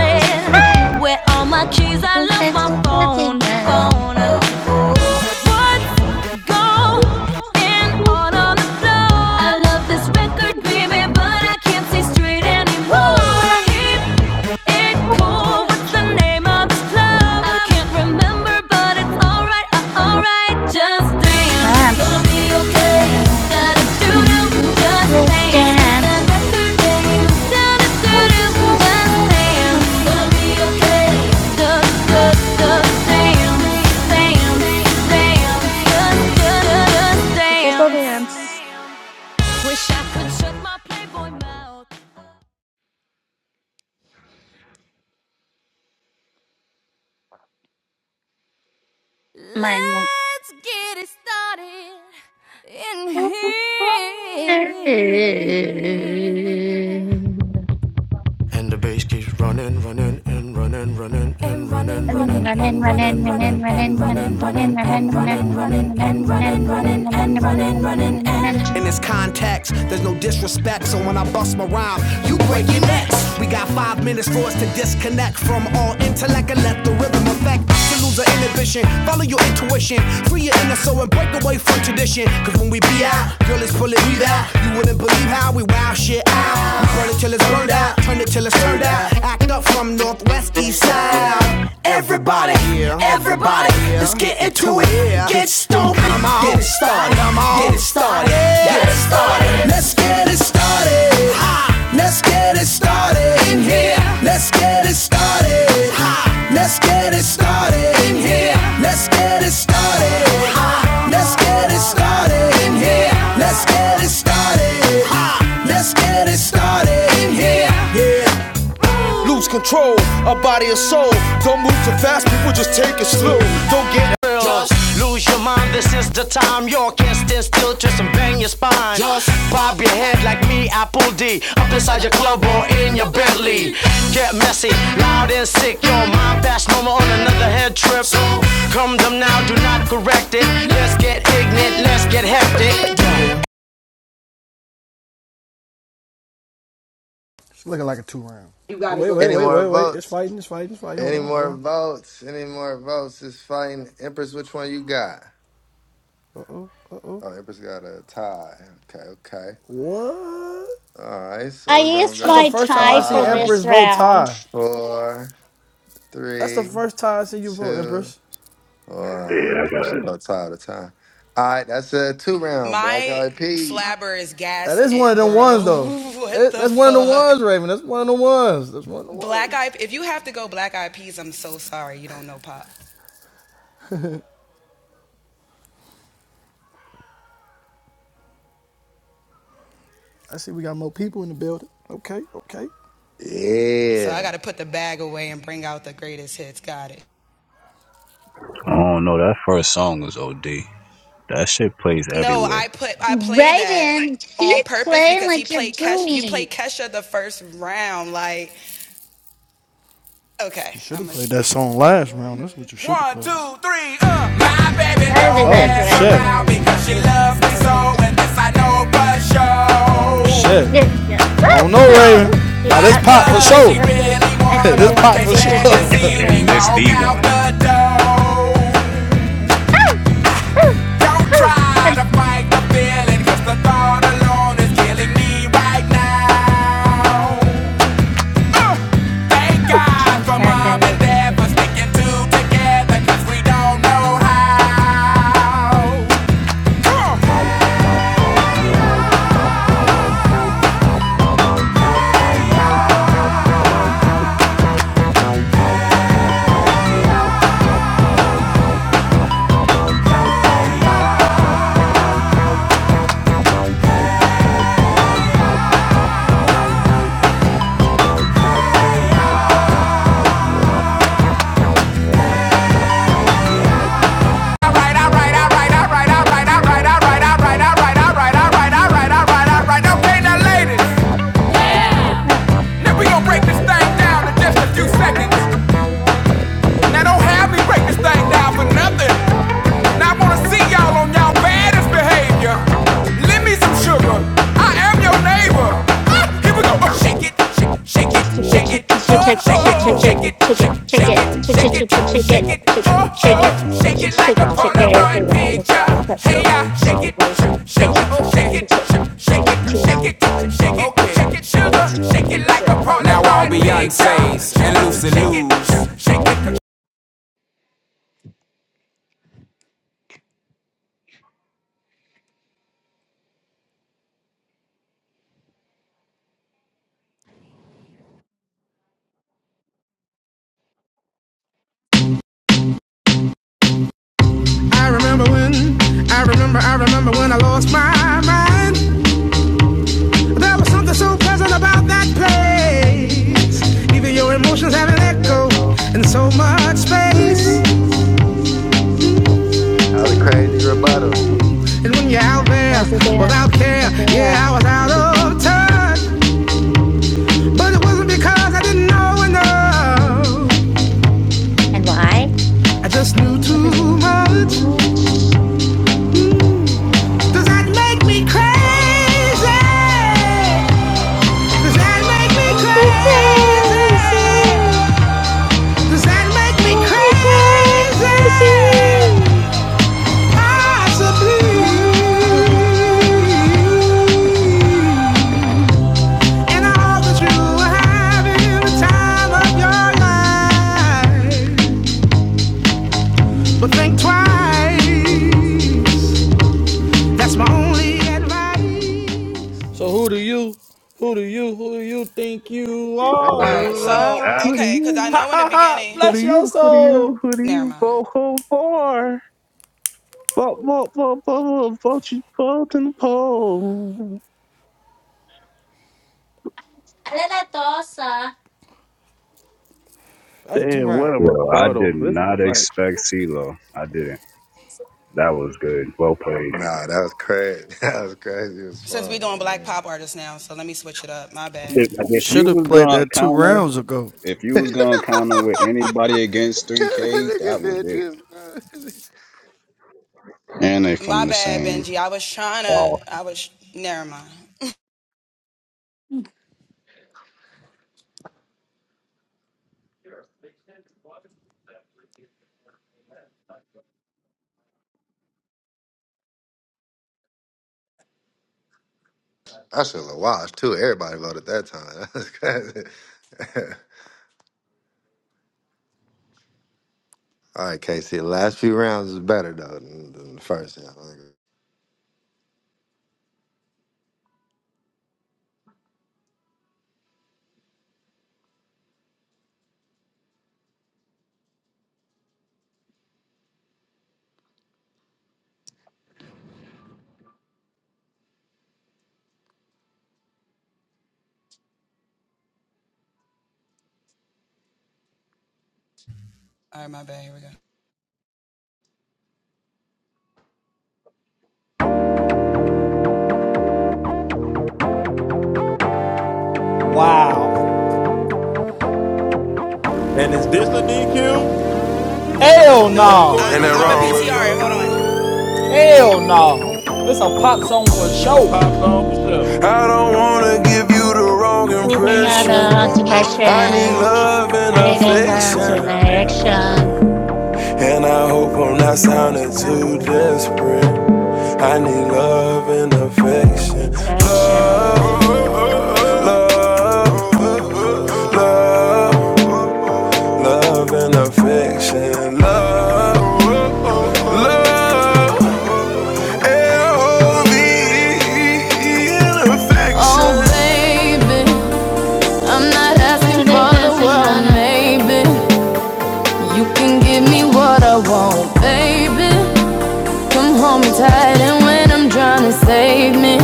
Where all my keys? I left my phone,
nice.
phone. What's going on
Dance.
on the floor? I love this record, baby, but I can't see straight anymore. Keep it cool the name of this club? I can't remember, but it's alright, uh, alright. Just dance, gonna be okay. Da da do just
Just
dance. Da
dance.
da do do, da da do just dance,
Dance.
gonna be okay. Da da da, dance, dance, dance, just da da dance.
Tutorials.
Wish I could shut my playboy mouth.
Mine.
Let's get it started
I
in here. in this context. There's no disrespect, so when I bust my rhyme, you break your necks. We got five minutes for us to disconnect from all intellect and let the rhythm affect. To lose our inhibition, follow your intuition, free your inner soul and break away from tradition. Cause when we be out, girl, it's pulling me out. You wouldn't believe how we wow shit out. We burn it till it's burned out, turn it till it's turned out. Act up from Northwest East Side. Everybody, everybody, let's get into it. Get stoned, get it started, get it started. Just lose your mind, this is the time. You can't stand still, twist and bang your spine. Just bob your head like me, Apple D. Up inside your club or in your Bentley. Get messy, loud and sick. Your mind fast, no more on another head trip. So come them now, do not correct it. Let's get ignorant, let's get hectic. You're
It's looking like a two round. Oh, wait, wait,
Any
wait,
more
wait, wait. It's
votes?
fighting, it's fighting, it's fighting. Hold
Any
on, hold
more
on.
votes? Any more votes? It's fighting Empress. Which one you got?
Uh oh, uh oh.
Oh, Empress got a tie. Okay, okay.
What?
All right, so we're gonna
That's the
go
first time I seen
five,
Empress
just
vote
ran.
tie.
four,
That's the
three,
first time I see you vote,
two,
Empress.
one.
Yeah, I got
She
it.
gonna tie all the time. All right, that's a two round black eyed peas.
That is one of them ones, though. That's one of the ones, Raven. That's one of the ones. That's one of the ones. I see we got more people in the building. Okay, okay.
Yeah.
I don't know. That first song was OD. That shit plays everywhere.
Raven, keep playing like you're doing.
You should have played that song last round. That's what you should have played.
I did
Oh,
that.
shit. Oh, shit.
Yeah, yeah.
I don't know,
Well,
Raven.
yeah,
Now this
I,
pop
I
for
think that's
sure.
that's it. That's the
this
thing.
pop
just,
for sure.
the thing. That's
And this
the
the one.
thing. Oh, oh, oh. I'm just,
alone is killing me right now. uh, Thank God
sorry.
for
I'm not
mom and
going to
dad
do
for
it. All
sticking two together, 'cause we don't know how.
right.
Now I wanna see y'all on y'all baddest behavior. Lend me some sugar. I am your neighbor. Ah, here we go. Oh, shake it, shake it, shake it,
Shake it,
shake
shake
it,
it, shake
Uh,
it,
shake
shake
it,
it,
shake it,
shake
shake
it,
it,
shake it, shake
shake
it,
it,
shake
shake
it,
it, oh,
shake
shake
it,
it,
shake it, shake it,
shake it like
shake
a
it, shake it. After
Polaroid
that, after
picture.
you put
Hey, yeah, shake
shake it, shake
it,
it,
shake shake
shake it, shake it,
it, shake it,
shake it,
shake
shake
it,
it,
shake it, shake it, shake it,
shake it, shake it. shake
sugar. Shake it like a Polaroid Now
it.
all Beyonce's and Lucy Lou's.
I remember when, I remember, I remember when I lost my mind. There was something so pleasant about that
Let
place. Even your emotions have an echo
go.
in so much space.
Say. That was a crazy rebuttal.
And when you're out there
That's it. Yeah.
without care,
That's it. Yeah.
yeah, I was out
I think That's
of
it.
touch. But it wasn't because I didn't know enough.
And why?
I just knew
Because
too
it's
much.
much.
Mm. Does that make me crazy? Does that make me
Oh, because
crazy?
it-
Does that make me
oh,
crazy?
because it-
Possibly. And I hope that you are having the time of your life. But think twice. That's my only advice.
so who do you, who do you, who do you think you
If
are?
you
Yo, that,
lie-
What are you?
Ha ha ha!
Who do
Bless your
you, who do you,
soul.
who do you vote for? Vote, vote, vote, vote, vote, vote you vote in the poll.
I like that dosa.
That's a two
Damn, what
round.
a
yo I
rebuttal.
did
This is a
not
fight.
expect CeeLo. I didn't. That was good. Well played.
Nah, that was crazy. That was crazy. as was fun.
If,
You
if
should
you
have
was
played
gonna
that two
counter,
rounds ago.
if you was
man.
gonna counter with anybody against 3K, that was it.
Nigga, bitches.
And they from the same.
I should have watched too. Everybody voted that time. That's crazy. All right, Casey. The last few rounds is better though than, than the first round.
Wow.
And is this a DQ?
Hell
Of
no.
course it's not CEO.
Hell no. It's a pop song for
This is a
sure.
pop song for sure.
I don't wanna give you the wrong
I think I
impression.
got
I need
passion.
love and
I think I got the
affection.
direction.
And I hope I'm not
I got
sounding
the heart
too desperate.
so,
I need love and affection. Love, love, love, love and affection. Love, love, L-O-V-E and affection. Oh, baby, I'm not asking
Ah,
for the world, maybe. You can give me what I want, baby. Come am home tired, and when I'm drowning, save me,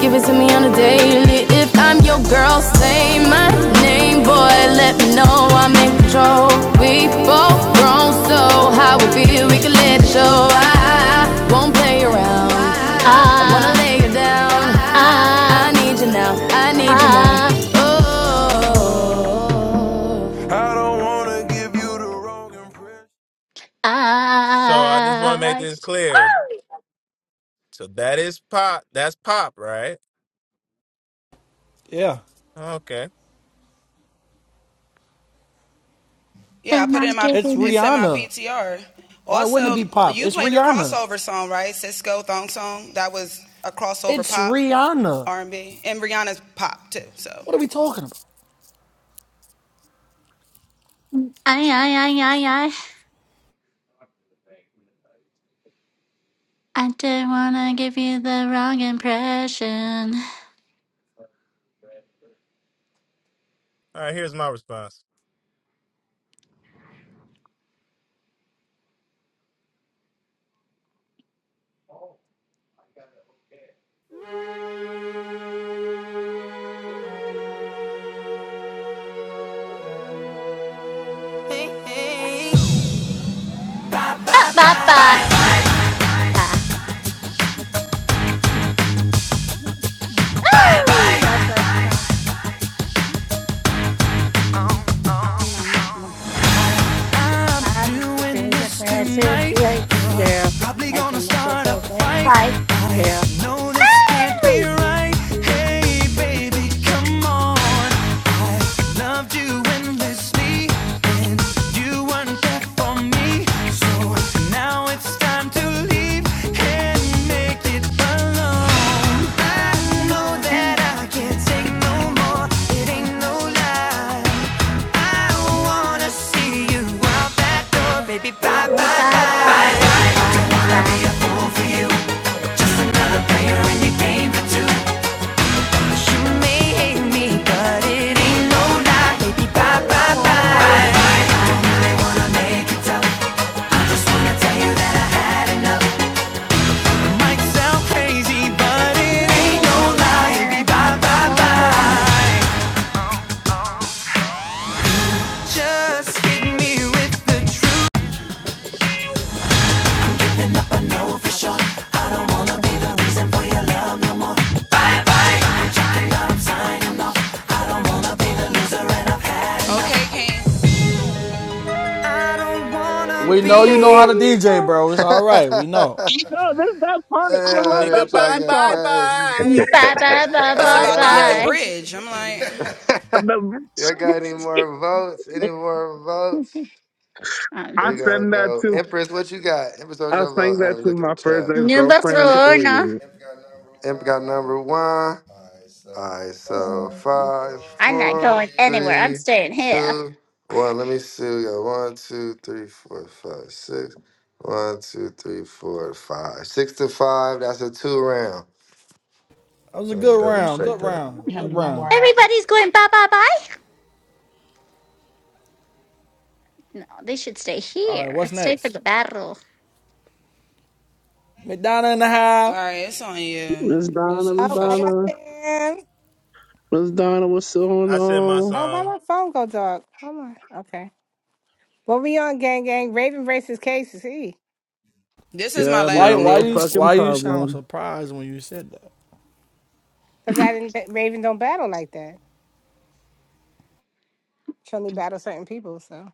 give it to me on a daily. If I'm your girl, say my name, boy. Let me know I'm in control. We both grown, so how we feel, we can let it show. I I won't play around. I wanna lay you down. I
ah,
need you now. I need you now.
ah, no.
Oh.
So I just wanna make
I
this clear. So that is pop that's pop, right?
Yeah.
Okay.
did not give
It's
in.
Rihanna. Why wouldn't it be pop? It's Rihanna. It's Rihanna. What are we talking about?
I, I, I, I, I. I didn't want to give you the wrong impression.
All right, here's my response.
Ah, ba, ba. Nice. Ba. Mm. Ooh, That was my. I the
Doing
thing that
this
that says,
tonight,
yeah, girl.
probably
And
gonna
then that that
start a
that that
fight.
fight, girl.
No, this can't be
Oh!
right. It
Mm, mm. Oh, Bye bye bye bye. And that's- that's- Thank
may hate
you,
me,
thank you,
but it
thank
ain't no
you,
lie.
thank you.
Baby, bye
Bye
bye
bye
bye.
bye bye.
Crazy, but it
Oh,
ain't
bye, bye,
no
bye,
lie. Baby,
bye.
bye bye
Bye
bye.
bye
Just hit me with the truth.
We know you know how to DJ, bro. It's
hey,
all right. We know.
No, this that part. I
over
love
there
that
Nigga,
part of
trying
bye,
the
to go
bye,
song.
crazy.
bye.
bye
Hey,
bye
Bye,
y'all
bye.
got
The-
y'all got any
bye.
more votes? Any more votes?
Um.
I
We gonna
sang that
go.
to,
Empress, what you got? Empress, what's
I
your
sang
vote?
that
I'm
to
looking
my
at the
first
chat.
Number
ex-girlfriend.
four, no.
Oh,
Empress got number one. Alright, so five,
I'm not
four,
going anywhere. I'm
three,
staying here.
two, one. Let me see. We got one, two, three, four, five, six. One, two, three, four, five. Six to five. That's a two round.
That was a
Let me
good
double
round.
check
Good
that.
round. Good
no more
round.
Everybody's going bye bye bye. No, they should stay
All right,
here.
what's
Let's stay for
next?
the battle.
McDonough in the house.
Miss Donna, Miss
Oh, what up,
Donna,
fam?
Miss Donna, what's going
I said my
on?
Oh, why
song.
my phone go dark? Hold on. Okay. What we on, gang, gang? Raven versus cases, See,
Yeah, I'm in
Why?
a
Why
real
you?
fucking
Why you sound
problem.
surprised when you said that?
because I didn't. Raven don't battle like that. She only battles certain people. So,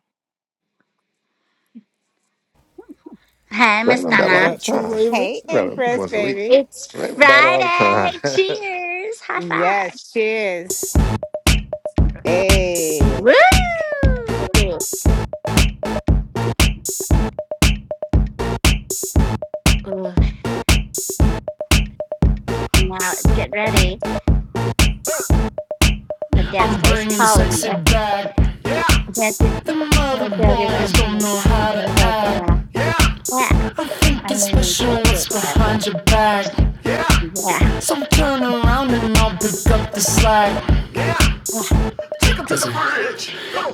Hey, Miss
Raylan battle
Is
all the
Donna.
that true,
time.
Raven?
hey,
Raylan was
Empress,
once a week.
baby.
It's
Raylan battle all the
Friday.
time.
Cheers. High five.
Yes, cheers. Hey.
Woo! Ooh, Now let's get ready. The dance
I'm
floor's
bringing
calling
sexy
you.
back.
Dance in-
Them other
oh, God, it- I
boys
don't
don't
know.
know how to
what to
act.
do. Yeah,
I think
I
it's
mean,
special
it's-
what's
it's-
behind your back.
it's- yeah.
So I'm turn around and I'll pick up the slack.
Yeah.
Take 'em to the bridge.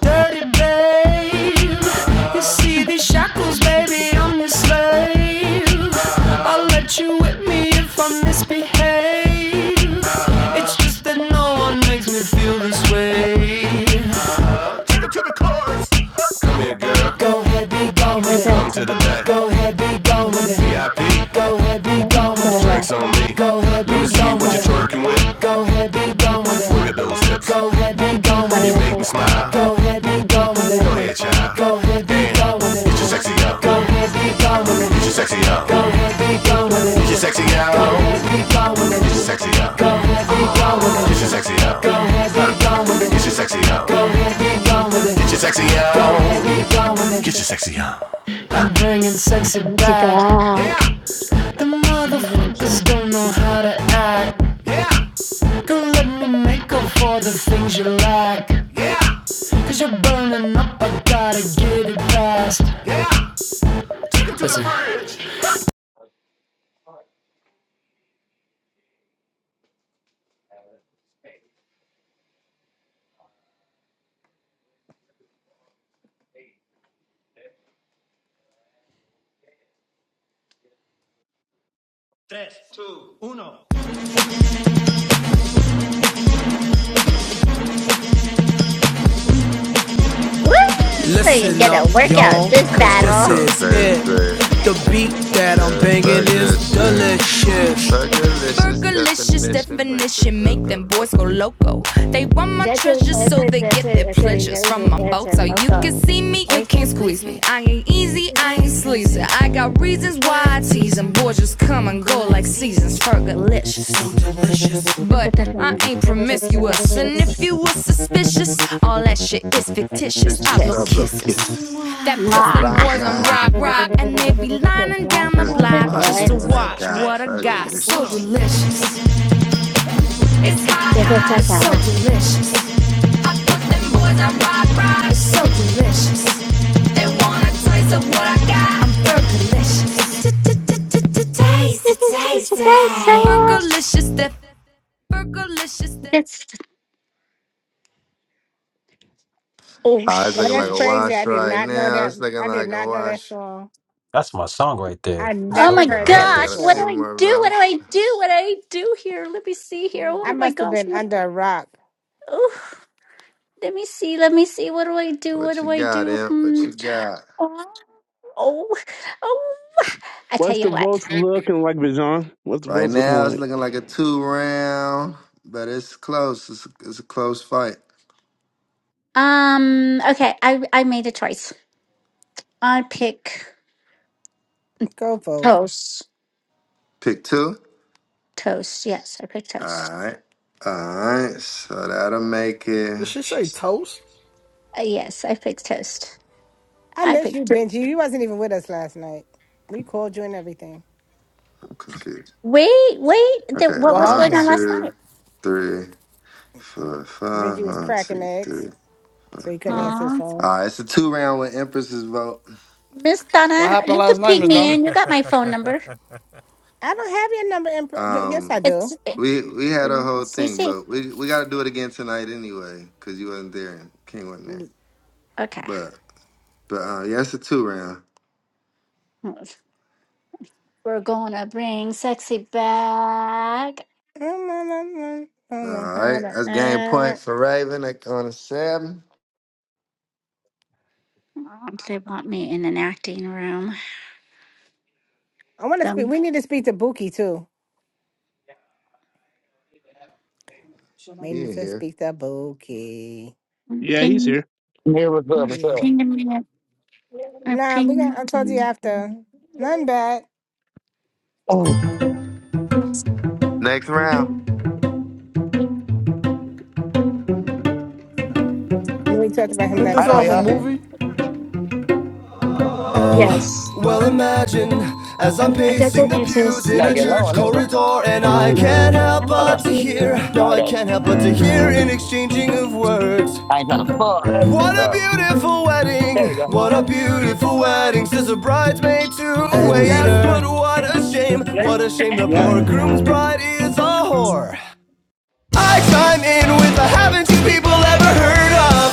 Dirty babe, you see these shackles,
Oh,
baby, I'm your slave. I'll let you whip me if I misbehave. It's just that no one makes me feel this way. Come here, girl,
Let me go. Let me go.
come
Let
to
me
the back. VIP,
go.
drinks on me. Let me
Let me go. Let me
see
Let me
what
go.
you're
see what you
twerking with.
twerking with.
with Look at those hips.
Let
You make me smile. Go
me
ahead, child. Go ahead, be gone with it. Get your sexy up. Go ahead, be gone with it. Get your sexy up. Go ahead, be gone with it. Get your sexy up. Go ahead, be gone with it. Get your sexy up. Go ahead, be gone with it. Get your sexy up. Go ahead, be gone with it. Get your sexy. Go ahead, be gone with it. Get your
go.
sexy up. Go ahead, be gone with it. Get
Let
your sexy up. I'm bringing sexy back. Yeah.
back.
The
I'm really
motherfuckers
upset.
don't know
Woo!
how to act. Don't let me make up for the things you lack. Yeah. you you're burning up, I gotta get it fast.
You get a workout this
oh,
battle.
trust
This is it.
that shit.
I don't know what to
that I'm
Yeah,
banging
fuck
is
that shit.
delicious.
Fuck delicious
Burgerlicious
do.
definition. Make the
definition,
earth
make
go
them boys
look.
go loco. They want my
That is,
treasures,
that
so
is,
they
that is, that
get their
is,
pleasures from my
that is,
boat.
that
So
is,
you
also,
can see me, you
I,
can't squeeze me. I ain't easy, I ain't sleazy. I got reasons why I tease 'em. Boys just come and go like seasons. Burgerlicious so delicious. But
but That's
I
Gente,
ain't promiscuous,
That's
and if
este,
you were suspicious, all that shit is
That's
fictitious.
This
I
is
blow
some little
kisses.
kisses.
este
That puts
video
them
Rock,
es
boys on
rock.
rock,
es
rock, and they
hermoso. Es
be lining down the
Just
interpretación.
to
block just
watch
to
what I
watch what
got.
I got. It's
That's
So
es
Fergalicious.
delicious, it's hot, hot.
That's
It's
es
so
es
delicious. I put them boys on rock, rock. It's so delicious. They want a taste of what I got. I'm fergalicious. Taste it, taste it.
es.
Fergalicious, that
Ma. It's oh
Uh, it's
Well,
looking like
that's
a
sheesh.
crazy. I
wash
did
right
not know
now.
that.
It's looking
I did
like a
not know that
wash.
song.
That's my song right there.
I
It's
Oh
so
never
my
heard
Hold on,
that
we got
gosh,
a
what
delicious.
do
before.
few
I
more
do? What do
votes.
I do? What do I do here? Let me see here.
I
Oh my
must have
gosh,
been under a rock.
what? Let me see. Let me see. What do I do? What
What
do
you
I
got,
do?
Imp? What
Hmm.
you got?
Oh, oh, oh. I tell
What's
you
the
what.
votes looking like, Bijan? What's the
Right
votes looking
now, it's
like?
looking like a two round, but it's close. It's, it's a close fight.
Um. Okay. I I made a choice. I pick
Go vote.
toast.
Pick two.
Toast. Yes, I picked
All
toast.
right. All right. So that'll make it.
Did she
I'm
say toast?
Uh, yes, I picked toast.
I
I
miss
picked.
you, Benji. You wasn't even with us last night. We called you and everything.
confused.
Wait, wait. The,
Okay.
what
What
was
One,
going on
happened?
last
two,
night?
three, four, five.
Benji was
One,
cracking
two,
eggs.
three.
So he couldn't
Uh,
answer his
Aw.
phone.
all right, it's a two round with Empress's vote.
Miss
What
Donna,
happened
you can
last night,
ping
Miss
me
Donna?
in. You got my phone number.
I don't have your number in. Pro- y- yes, I
Um,
do.
It's it,
we we had a whole thing,
CC.
but we we got to do it again tonight anyway because you wasn't there and King wasn't there.
Okay.
But but uh, yeah, it's a two round.
We're gonna bring sexy back.
I don't know I
All
don't know
right,
how to
that's game point
act.
for Raven like, on a seven.
Um, they want me in an acting room.
I want to speak.
The
We need to speak to Buki too. We
He
need
in
to
here.
speak to Buki.
Yeah, he's
ping,
here.
Yeah, what's up? What's up?
Yeah.
pinging me, uh,
Nah, we got. I told you
pinging.
after. Nothing bad.
Oh,
Next round.
We talked about him
Ain't
last.
this
right on,
Oh,
off a
y'all.
sorry.
movie?
Yes,
well, imagine as I'm
I got
pacing
the
the pews
dances.
You
in
gotta
a
get
Mm,
low
church
on this one.
corridor, and I can't help
I'm
Hold
but
on.
to
thinking
hear.
All
No, I
right.
can't help but to hear an exchanging of words.
I ain't trying to fall. That's,
What a
uh,
beautiful
there
wedding!
we go.
What a beautiful wedding! Says a bridesmaid to a waiter. Yes, but what a shame!
Yeah.
What a shame! The
Yep.
poor groom's bride is a whore. I chime in with the haven't you people ever heard of?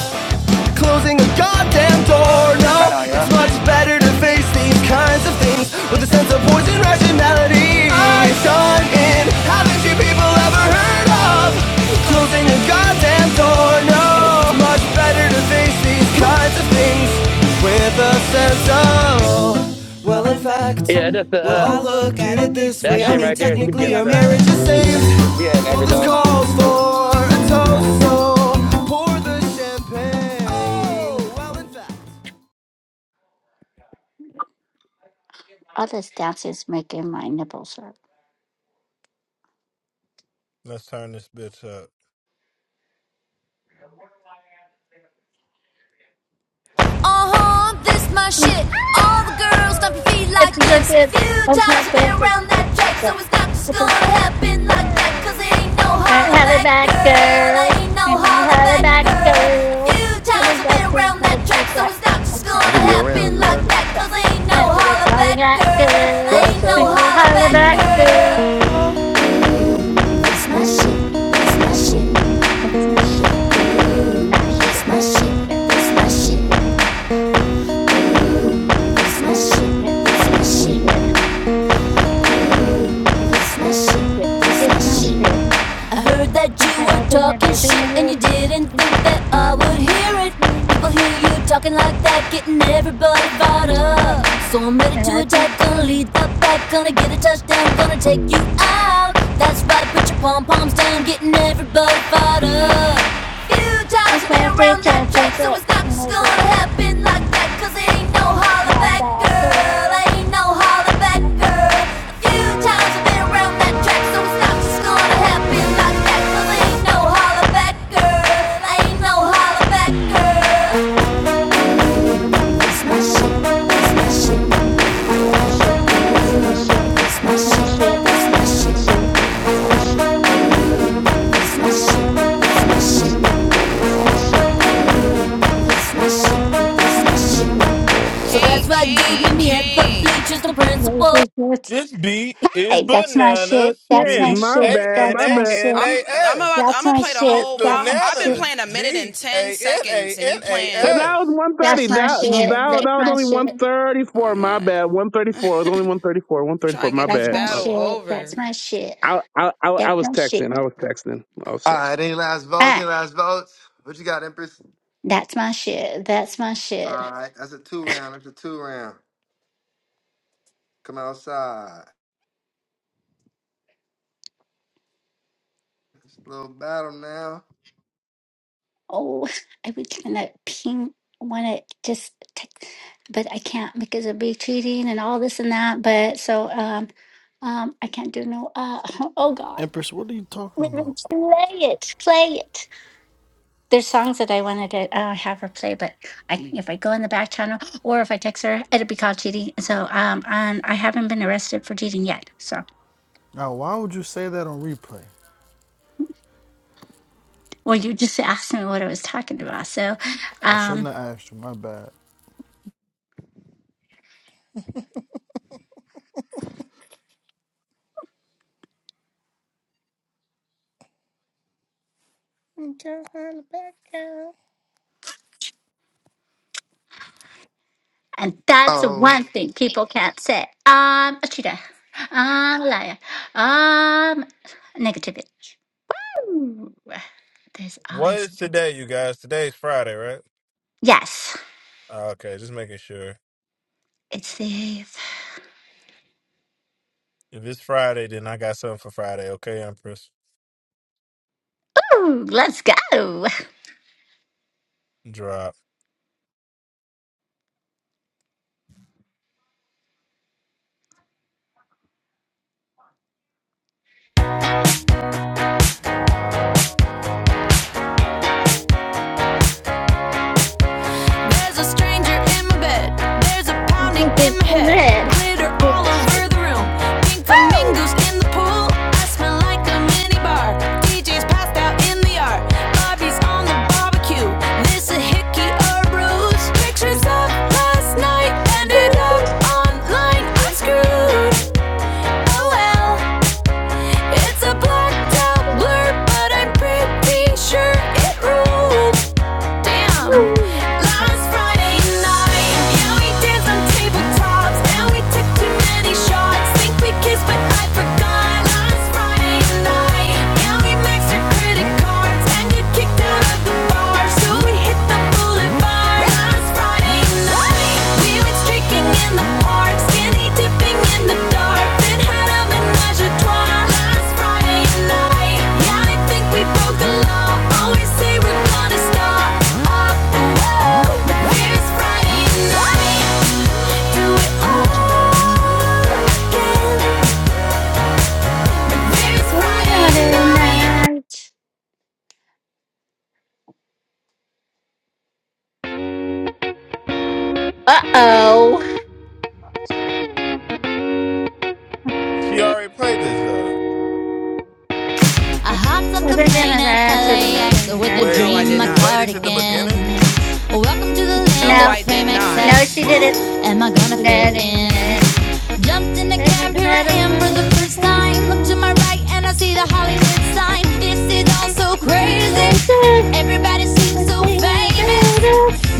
closing a goddamn door.
Right
No,
on,
it's
y'all.
much better to face these kinds of things with a sense of poison rationality. I done in. Haven't you people ever heard of closing a goddamn door? No, it's much better to face these kinds of things with a sense of. Well, in fact,
Yeah, that's the,
well,
uh,
I look at it this
that
way. I
shit
mean,
right there. keep getting
technically, our
stuck.
marriage is saved.
Yeah, and
Well,
every
this
low.
calls for a toast, so pour the champagne. Oh, well,
other dances making my nipples hurt.
Let's turn this bitch up.
Be like
It's like this. I'm trying
that,
to
trucks gonna
focus.
happen like that. Cause it ain't no holler
Holla
back,
back,
girl.
girls.
Ain't no
We don't
holler
holla
back,
back,
girl. If
girls.
you've
I think
been
that's What
around that
is
track, so
that
it's not
to
just gonna
make
I think good round.
happen
Good
like
round.
you
that. Cause ain't no
back? We're
holler back,
calling out
girl.
Yeah,
girls.
it
Ain't no
We
is.
don't
holler
holla
back,
back,
girl.
girls.
It's my shit, it's my shit,
That's my shit. My shit.
it's my shit,
Yeah,
it's my
My
shit,
shit.
it's my shit, it's my shit, it's
Yeah, It's my
my
shit.
shit,
Yeah,
it's
It's
my
my
shit.
shit.
heard that
Because
you were
I think that
talking
they
shit
think
and you
It's
didn't think that I would
my
hear it.
shit.
People hear you talking like that, getting everybody fired up. So I'm ready to attack, gonna lead the pack, gonna get a touchdown, gonna take you out. That's right, put your pom poms down, getting everybody fired up. Few times
It's
I've been
all
around
take,
that
I
track,
think
so it's not just gonna
that.
happen like that. Cause ain't no
That's
holler back,
my
girl. Ain't no holler back, girl. few times I've been around that track, so it's not just gonna happen like that. Cause ain't no holler back, girl. Ain't no holler back, girl.
shit. That's my shit. That's my shit. Shit. That's my shit. Wait, That's my shit. That's my shit. Wait, That's my shit.
So that's right,
Mm,
dude.
what do
Meet
you
me
think
at
is
the
my thing?
bleachers, no
What do you
principal.
think is your
This beat is
type? That's my shit.
bananas.
That's
Shit,
my
B
my
shit.
A
bad,
N
That's
my
A
my
bad.
N
shit.
A S.
That's my
This this
shit. That's my shit.
bananas. B A N A N A
But that was
S.
one thirty.
That's my
That that
shit.
that
That's
was
my
only one
shit.
thirty four. My bad. One thirty four. It was only one thirty four. One thirty four. My
That's
bad.
my shit. That's my shit.
I, I I
That's
I was
my shit. That's
texting.
my
I was texting. I was
All
texting.
right, any last
shit.
votes? Any last votes? What you got, Empress?
That's my shit. That's my shit.
All right, that's a two round. That's a two round. Come outside. It's a little battle now.
Oh, I would kind of ping want to just take, but I can't because it'd be cheating and all this and that. But so um um I can't do no uh oh God.
Empress, what are you talking
Wait, wait,
about?
Play it, play it. There's songs that I wanted to uh, have her play, but I if I go in the back channel or if I text her, it'll be called cheating. So um, and I haven't been arrested for cheating yet. So
Now, why would you say that on replay?
well, you just asked me what I was talking about. So
I
um.
shouldn't have asked you. My bad.
And that's
Oh.
one thing people can't say. I'm a cheater. I'm a liar. I'm negativity. Ooh, there's
What
always
is today, you guys? Today's Friday, right?
yes.
Ah, Okay, just making sure.
It's safe.
If it's Friday, then I got something for Friday. Okay, Empress.
Ooh, let's go.
Drop.
There's a stranger in my bed. There's a pounding
This
in
is
my head.
it.
Glitter all over the room. Pink flamingos in the pool. I smell like a mini DJ's passed out in the yard. Bobby's on the barbecue. This a hickey or a Pictures of last night ended up online. I'm screwed. Oh well, it's a blacked out blur, but I'm pretty sure it rules. Last Friday night, yeah, we danced on tabletops and we took too many shots. Think we kissed, but I forgot. Last Friday night, yeah, we maxed our credit cards and got kicked out of the bar, so we hit the boulevard. Last Friday night, we do it all again. There's Friday night.
Uh oh.
She already played this though.
I hopped off
Well,
the
they're
plane
gonna
at
answer the
LAX
nothing.
with a
Answer
Wait,
the
didn't you play this at the
everything.
cardigan.
beginning?
everything. Else.
Welcome to the
No, no,
land
she didn't.
am I gonna fit
Nothing,
in?
nothing.
Jumped in the cab, here I am for the first time. Look to my right and I see the Hollywood sign. This is all so crazy.
Closer
Everybody
to the
seems so
space of
famous.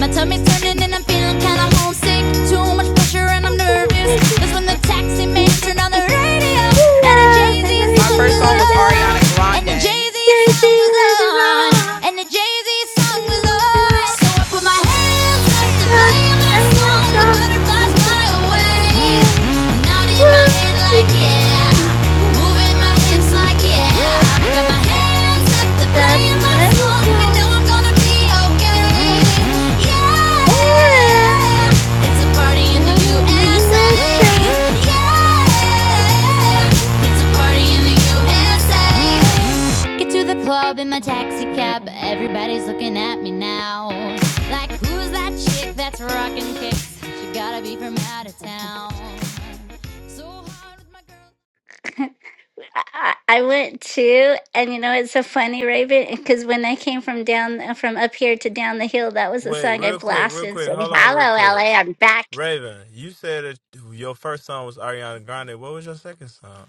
My tummy's turning and I'm feeling kinda homesick. Too much pressure and I'm nervous. That's when the taxi man turned on the radio and it
Yeah,
changes. Jay Z song was on, and the Jay Z song was on. So I put my hands up to play my song with butterflies fly away. Nodding my
I
head like yeah, moving my hips like yeah. Got my hands up to play my song, and know I'm gonna be okay. Yeah, it's a party in the USA. Yeah, it's a party in the USA. Get to the club in my taxi cab. Everybody's looking at me now. Like, who's that chick that's rocking kicks? She gotta be from out of town. So hard with my girl.
I went too, and you know it's so funny, Raven, because when I came from down from up here to down the hill, that was the
Wait,
song I
real quick, real
blasted.
quick.
Said,
Hold on,
"Hello,
real quick.
LA, I'm back."
Raven, you said that your first song was Ariana Grande. What was your second song?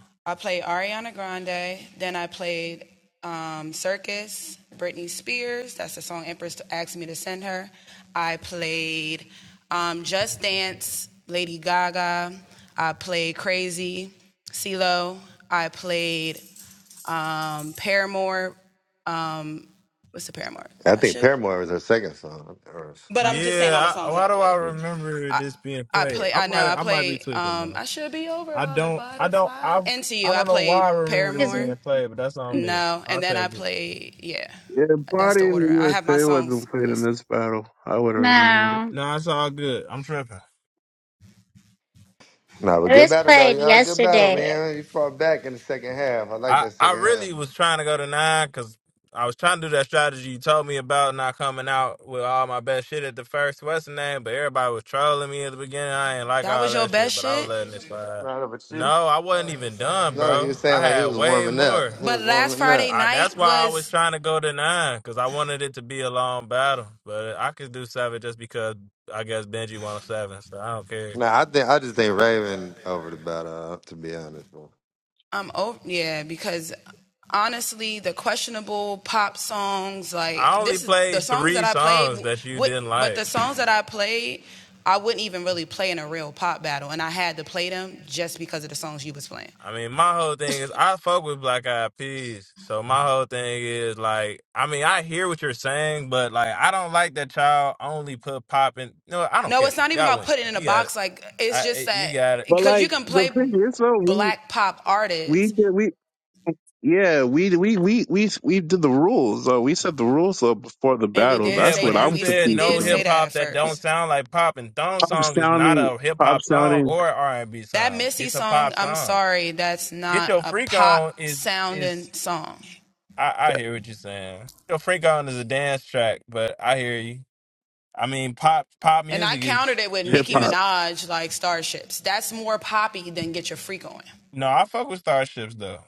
I think Paramore was her second song. Or,
Yeah, I, why do I
no,
remember this being played? I might, I might be tweaking though. I don't, I don't, I, I don't know why I remember this
'Cause-
being played, but that's on me. I'll take it.
Yeah, party in the USA wasn't played in this battle. I would have remembered it.
No,
No, it's all good. I'm tripping.
but
it
good
was
battle though,
played
y'all. Good battle,
yesterday.
man. You fought back in the second half. I like
I
that
I
second half.
really was trying to go to nine because I was trying to do that strategy you told me about, not coming out with all my best shit at the first West name. But everybody was trolling me at the beginning. I ain't like all that shit, but I was letting it slide.
No, no, but she.
No, I wasn't even done,
No, he
bro.
was saying
I
like he
had
was
way
warming up.
more.
He was warming up.
I, that's why I was trying to go to nine because I wanted it to be a long battle. But I could do seven just because I guess Benji wanted seven, so I don't care.
No, I think I just think Raven over the battle. To be honest, bro.
I only played three songs that you didn't like. I mean, my whole thing is I fuck with Black Eyed Peas, so my whole thing is like, I mean, I hear what you're saying, but like, I don't like that y'all only put pop in. No, I don't care. Y'all win. You got it. I eh, you got it.
But like the thing is, so we we did we yeah we we we we we did the rules. So we set the rules up before the battle.
Yeah,
That's what
but you
I'm
said
confused
no hip
about.
hop that don't sound like pop, and Thong
Pop
song is not
sounding,
a hip
pop
hop song
sounding
or R and B song. It's a pop song. Get your freak on is is. I, I hear what you're saying. Your freak on is a dance track, but I hear you. I mean, pop pop music is is
hip hop.
is no. I fuck with Starships though.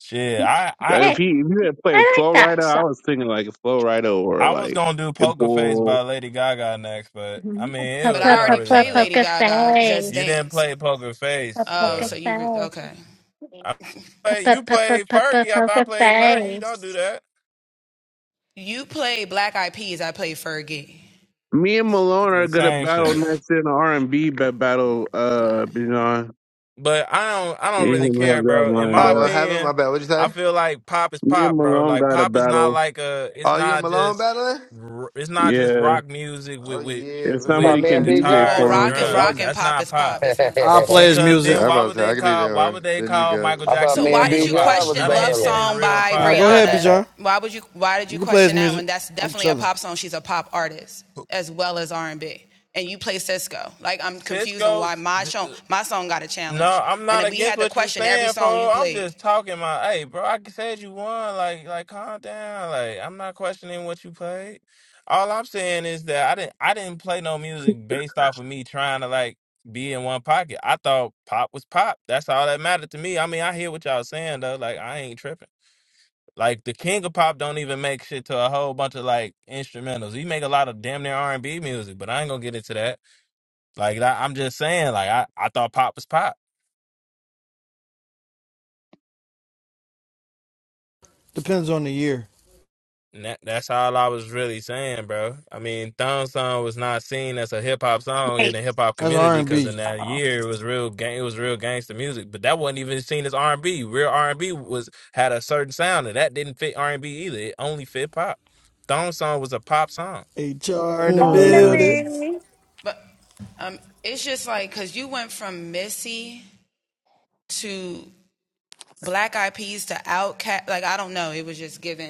Shit, I
Like,
I
If
Hey,
he if you had played
I like
Flow
that
Rider, I
song.
was thinking like Flow Rider or
I was
like
gonna do Poker Face
Pitbull.
by Lady Gaga next, but I
Mhm.
mean, it
Pa-
it
pa- pa-
don't really
pa-
matter.
Poker
You
face,
didn't play Poker
Pa-
Face
poker
though.
face,
I
Pa-
play,
pa-
you
pa- pa-
played
pa- pa-
Fergie after I
poker
played Fergie. Don't do
face.
that.
Me and
It's
Malone are
the
gonna
same
battle
shit.
next in the R and B battle. Uh, Bijan,
But I don't I don't
me and
really
him have
care,
that
bro. In
lined
my
Oh, what
up.
happened? My
opinion,
bad. What'd you
I
say?
feel like pop is
Me and
pop, bro.
Malone
Like
got a
pop is not
battle.
like a it's
Oh, you and
not
Malone
just
battling?
r- it's not just
Yeah,
rock music with
Oh
with
yeah,
if
let's
with
Thought
somebody
run
me and
can
that.
Big
DJ
John
guitars
for
and
was
him,
battling.
I'll.
drums. That's not pop.
I
I'll play his
Because
Yeah,
music.
then
I'm
why
about
would
to say
they
I can do
call
that
why would
one.
they
Benji
call
got it.
Michael
That's
thought
Jackson
me
the
cool.
and
king
B
of pop?
John
Cuz
was
none of
better.
his shit is real
All right,
pop.
go ahead, Bijan. You can play his music. I'm chilling.
Cisco No, I'm not against what you saying, fo. I'm just talking my, hey, bro. I said you won. Like, like, calm down. Like, I'm not questioning what you played. All I'm saying is that I didn't, I didn't play no music based off of me trying to like be in one pocket. I thought pop was pop. That's all that mattered to me. I mean, I hear what y'all saying though. Like, I ain't tripping. Like, the king of pop don't even make shit to a whole bunch of like instrumentals. He make a lot of damn near R and B music, but I ain't gonna get into that. Like, I, I'm just saying, like, I, I thought pop was pop.
Depends on the year.
And That, that's all I was really saying, bro. I mean, Thumb Song was not seen as a hip hop song in the
Wait.
hip hop
That's
community because in
R&B.
that
Oh,
year it was real gang, it was real gangster music. But that wasn't even seen as R and B. Real R and B was had a certain sound, and that didn't fit R and B either. It only fit pop. Thumb Song was a pop song.
HR in the
Oh,
Uh,
building.
Marie.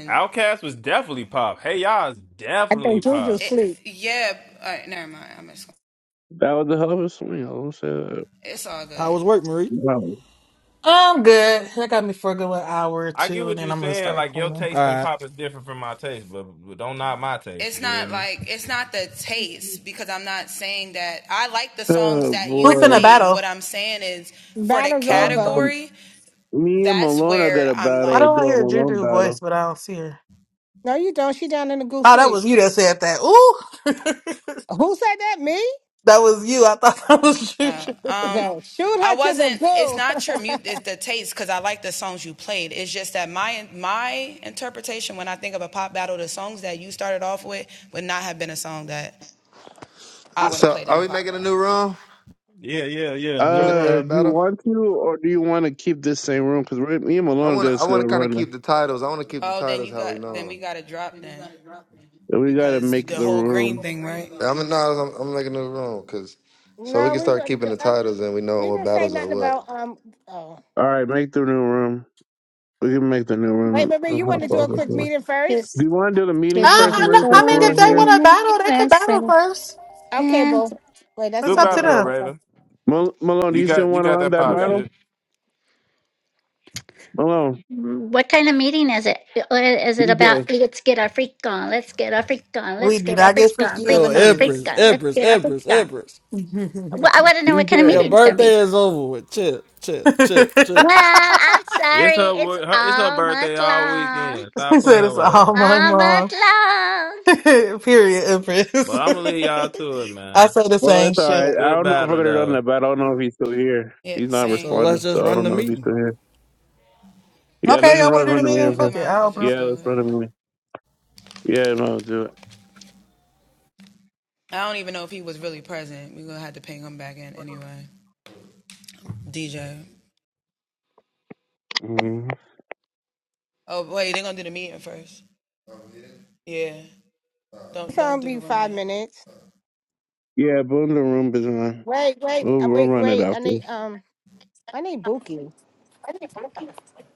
Outcast was definitely pop. Hey y'all is
I
definitely
think Juju
pop.
sleep.
that was a hell of a swing. I'll say that.
How was work, Marie?
Wow.
I'm good. That got me for a good what, hour or
I get
two, and
what
then
you're
I'm gonna
saying.
start
Like your
calling.
All
taste in
right.
pop is different from my taste, but, but don't knock my taste. You feel me?
Oh
Who's in
boy.
the battle?
Battle's over.
Um, me and Malone are gonna
Why
battle.
do I
Do a
hear
Malone
Juju
battle.
voice, but I don't see her?
No, you don't. She down in the goose
Oh, that
sleep.
was you that said that. Ooh,
Who said that? Me?
that was you. I thought that was Juju.
No, shoot her to the goo.
So, are we making a new room
Yeah, yeah, yeah.
for
New
the
Uh,
uh,
room.
do you
battle?
want to, or do you want to keep this same room? Because me and
I
Malone are
want to. I
just
want to
gonna
kind of
run.
keep the titles. I want to keep the titles how we know 'em.
We gotta make the room.
I'm in- no, I'm, I'm making it wrong because so we
No,
can
we
start
didn't.
keeping the
uh,
titles and we know
We
what
didn't say
battles are
nothing
what.
about um. Oh,
All right, make the new room. We can make the new
wait,
room.
Marie,
and
you want
hop
to do a
off this
quick
one.
meeting first?
Do
Because
you want to do the meeting
Uh,
first,
we're
I, no,
Marie,
I
since
mean, if
we're
born
they
here?
in
want to
the
battle, they could
USA.
battle first.
Okay,
And can't.
boo. Wait, that's
It's
Good
my
up to
battle
daughter.
though,
them.
Okay,
Raven.
Mal- Malone, do
You
you still
got you
want to
got
run
that
that
pop
battle?
shit.
Malone,
what kind of meeting is it? Is it about
DJ,
let's get our freak on, let's get our freak on,
We
let's
do
get our
not get
freak on,
fifty in
freak
Yo,
the
on, freak
Empress,
meetings.
on, let's
Empress,
get our freak
Empress,
on?
Empress.
Well, I want to know what kind of
DJ.
Your
meeting it's going to be.
birthday is over with. Chill, chill, chill, chill.
No, I'm
It's
sorry.
her,
It's
wo- her it's her birthday
almost
all
long.
weekend. Stop
he said
playing
it's
with her.
all my
Almost
mom.
long.
Period, Empress.
But I'm gonna leave y'all to it,
I
man.
say the
Well,
same
it's all
shit.
right. I
Good
don't know if we're
battle
gonna run
though.
that battle. I don't know if he's still here. He's not
So let's
responding,
just
so I
run
don't
the
know if he's
meeting.
still here. Yeah,
Okay,
let's
y'all
run
want to do
run
the
the
meeting?
meeting
Fuck
first.
it. I'll open it.
Yeah, let's run the meeting. Yeah, no, do it.
it's gonna be five minutes.
Yeah, Boom the Room is on.
Wait, wait,
We'll,
uh,
we'll
wait,
run it
wait. I
after.
need um. I need Buki.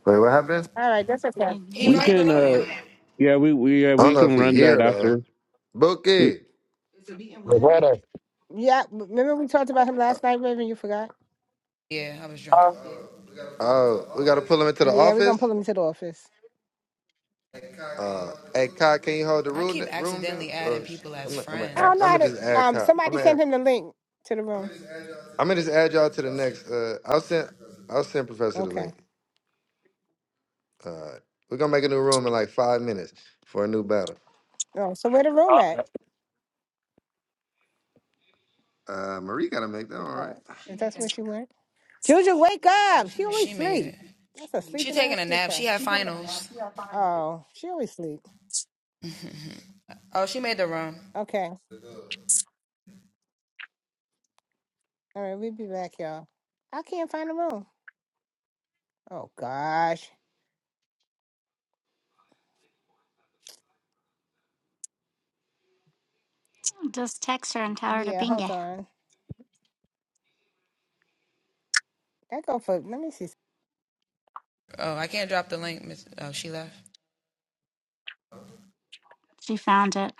Wait, what happened?
All right, that's okay.
Mhm.
We can, uh, yeah, we, we, yeah,
I don't
we
know if
can
he
run that
here though.
after.
Bookie,
Was that a
Yeah, remember we talked about him
uh,
last night, Raven? You forgot?
uh, we gotta pull him into the
Yeah, we're gonna
office.
pull him to the office.
Uh, hey, Kai, can you hold the room room down? Uh, I'm gonna I'm gonna
I
add-
don't know
I'm
how
gonna
to.
just add
Um,
Kai. I'm
somebody
gonna add,
sent him the link to the room.
I'm gonna just add y'all to the next. Uh, I'll send I'll send Professor the link.
Okay.
All right. We're gonna make a new room in like five minutes for a new battle.
Oh, so where the room at?
Uh, Marie gotta make that. All right.
Oh, is that where she went? Juju, wake up. She always sleep. That's a sleeping ass teacher. Oh, she always sleep. Okay. All right, we'll be back, y'all. I can't find the room. Oh gosh.
Just text her and tell her to
Yeah,
ping
hold
it.
on. That go for let me see.
She found it.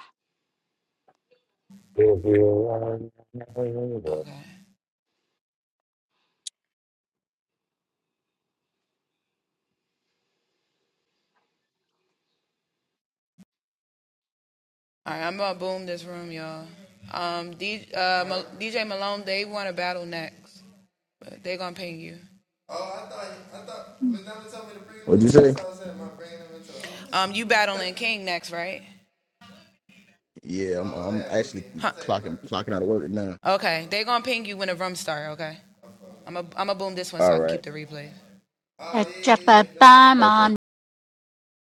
huh? Uh,
Oh, I thought, I thought, McDonald told me to bring him
What'd
in.
you say?
That's what I said, am bringing him into
Yeah, I'm I'm actually
the office?
clocking clocking out of work now. All right.
The drip a
Okay.
on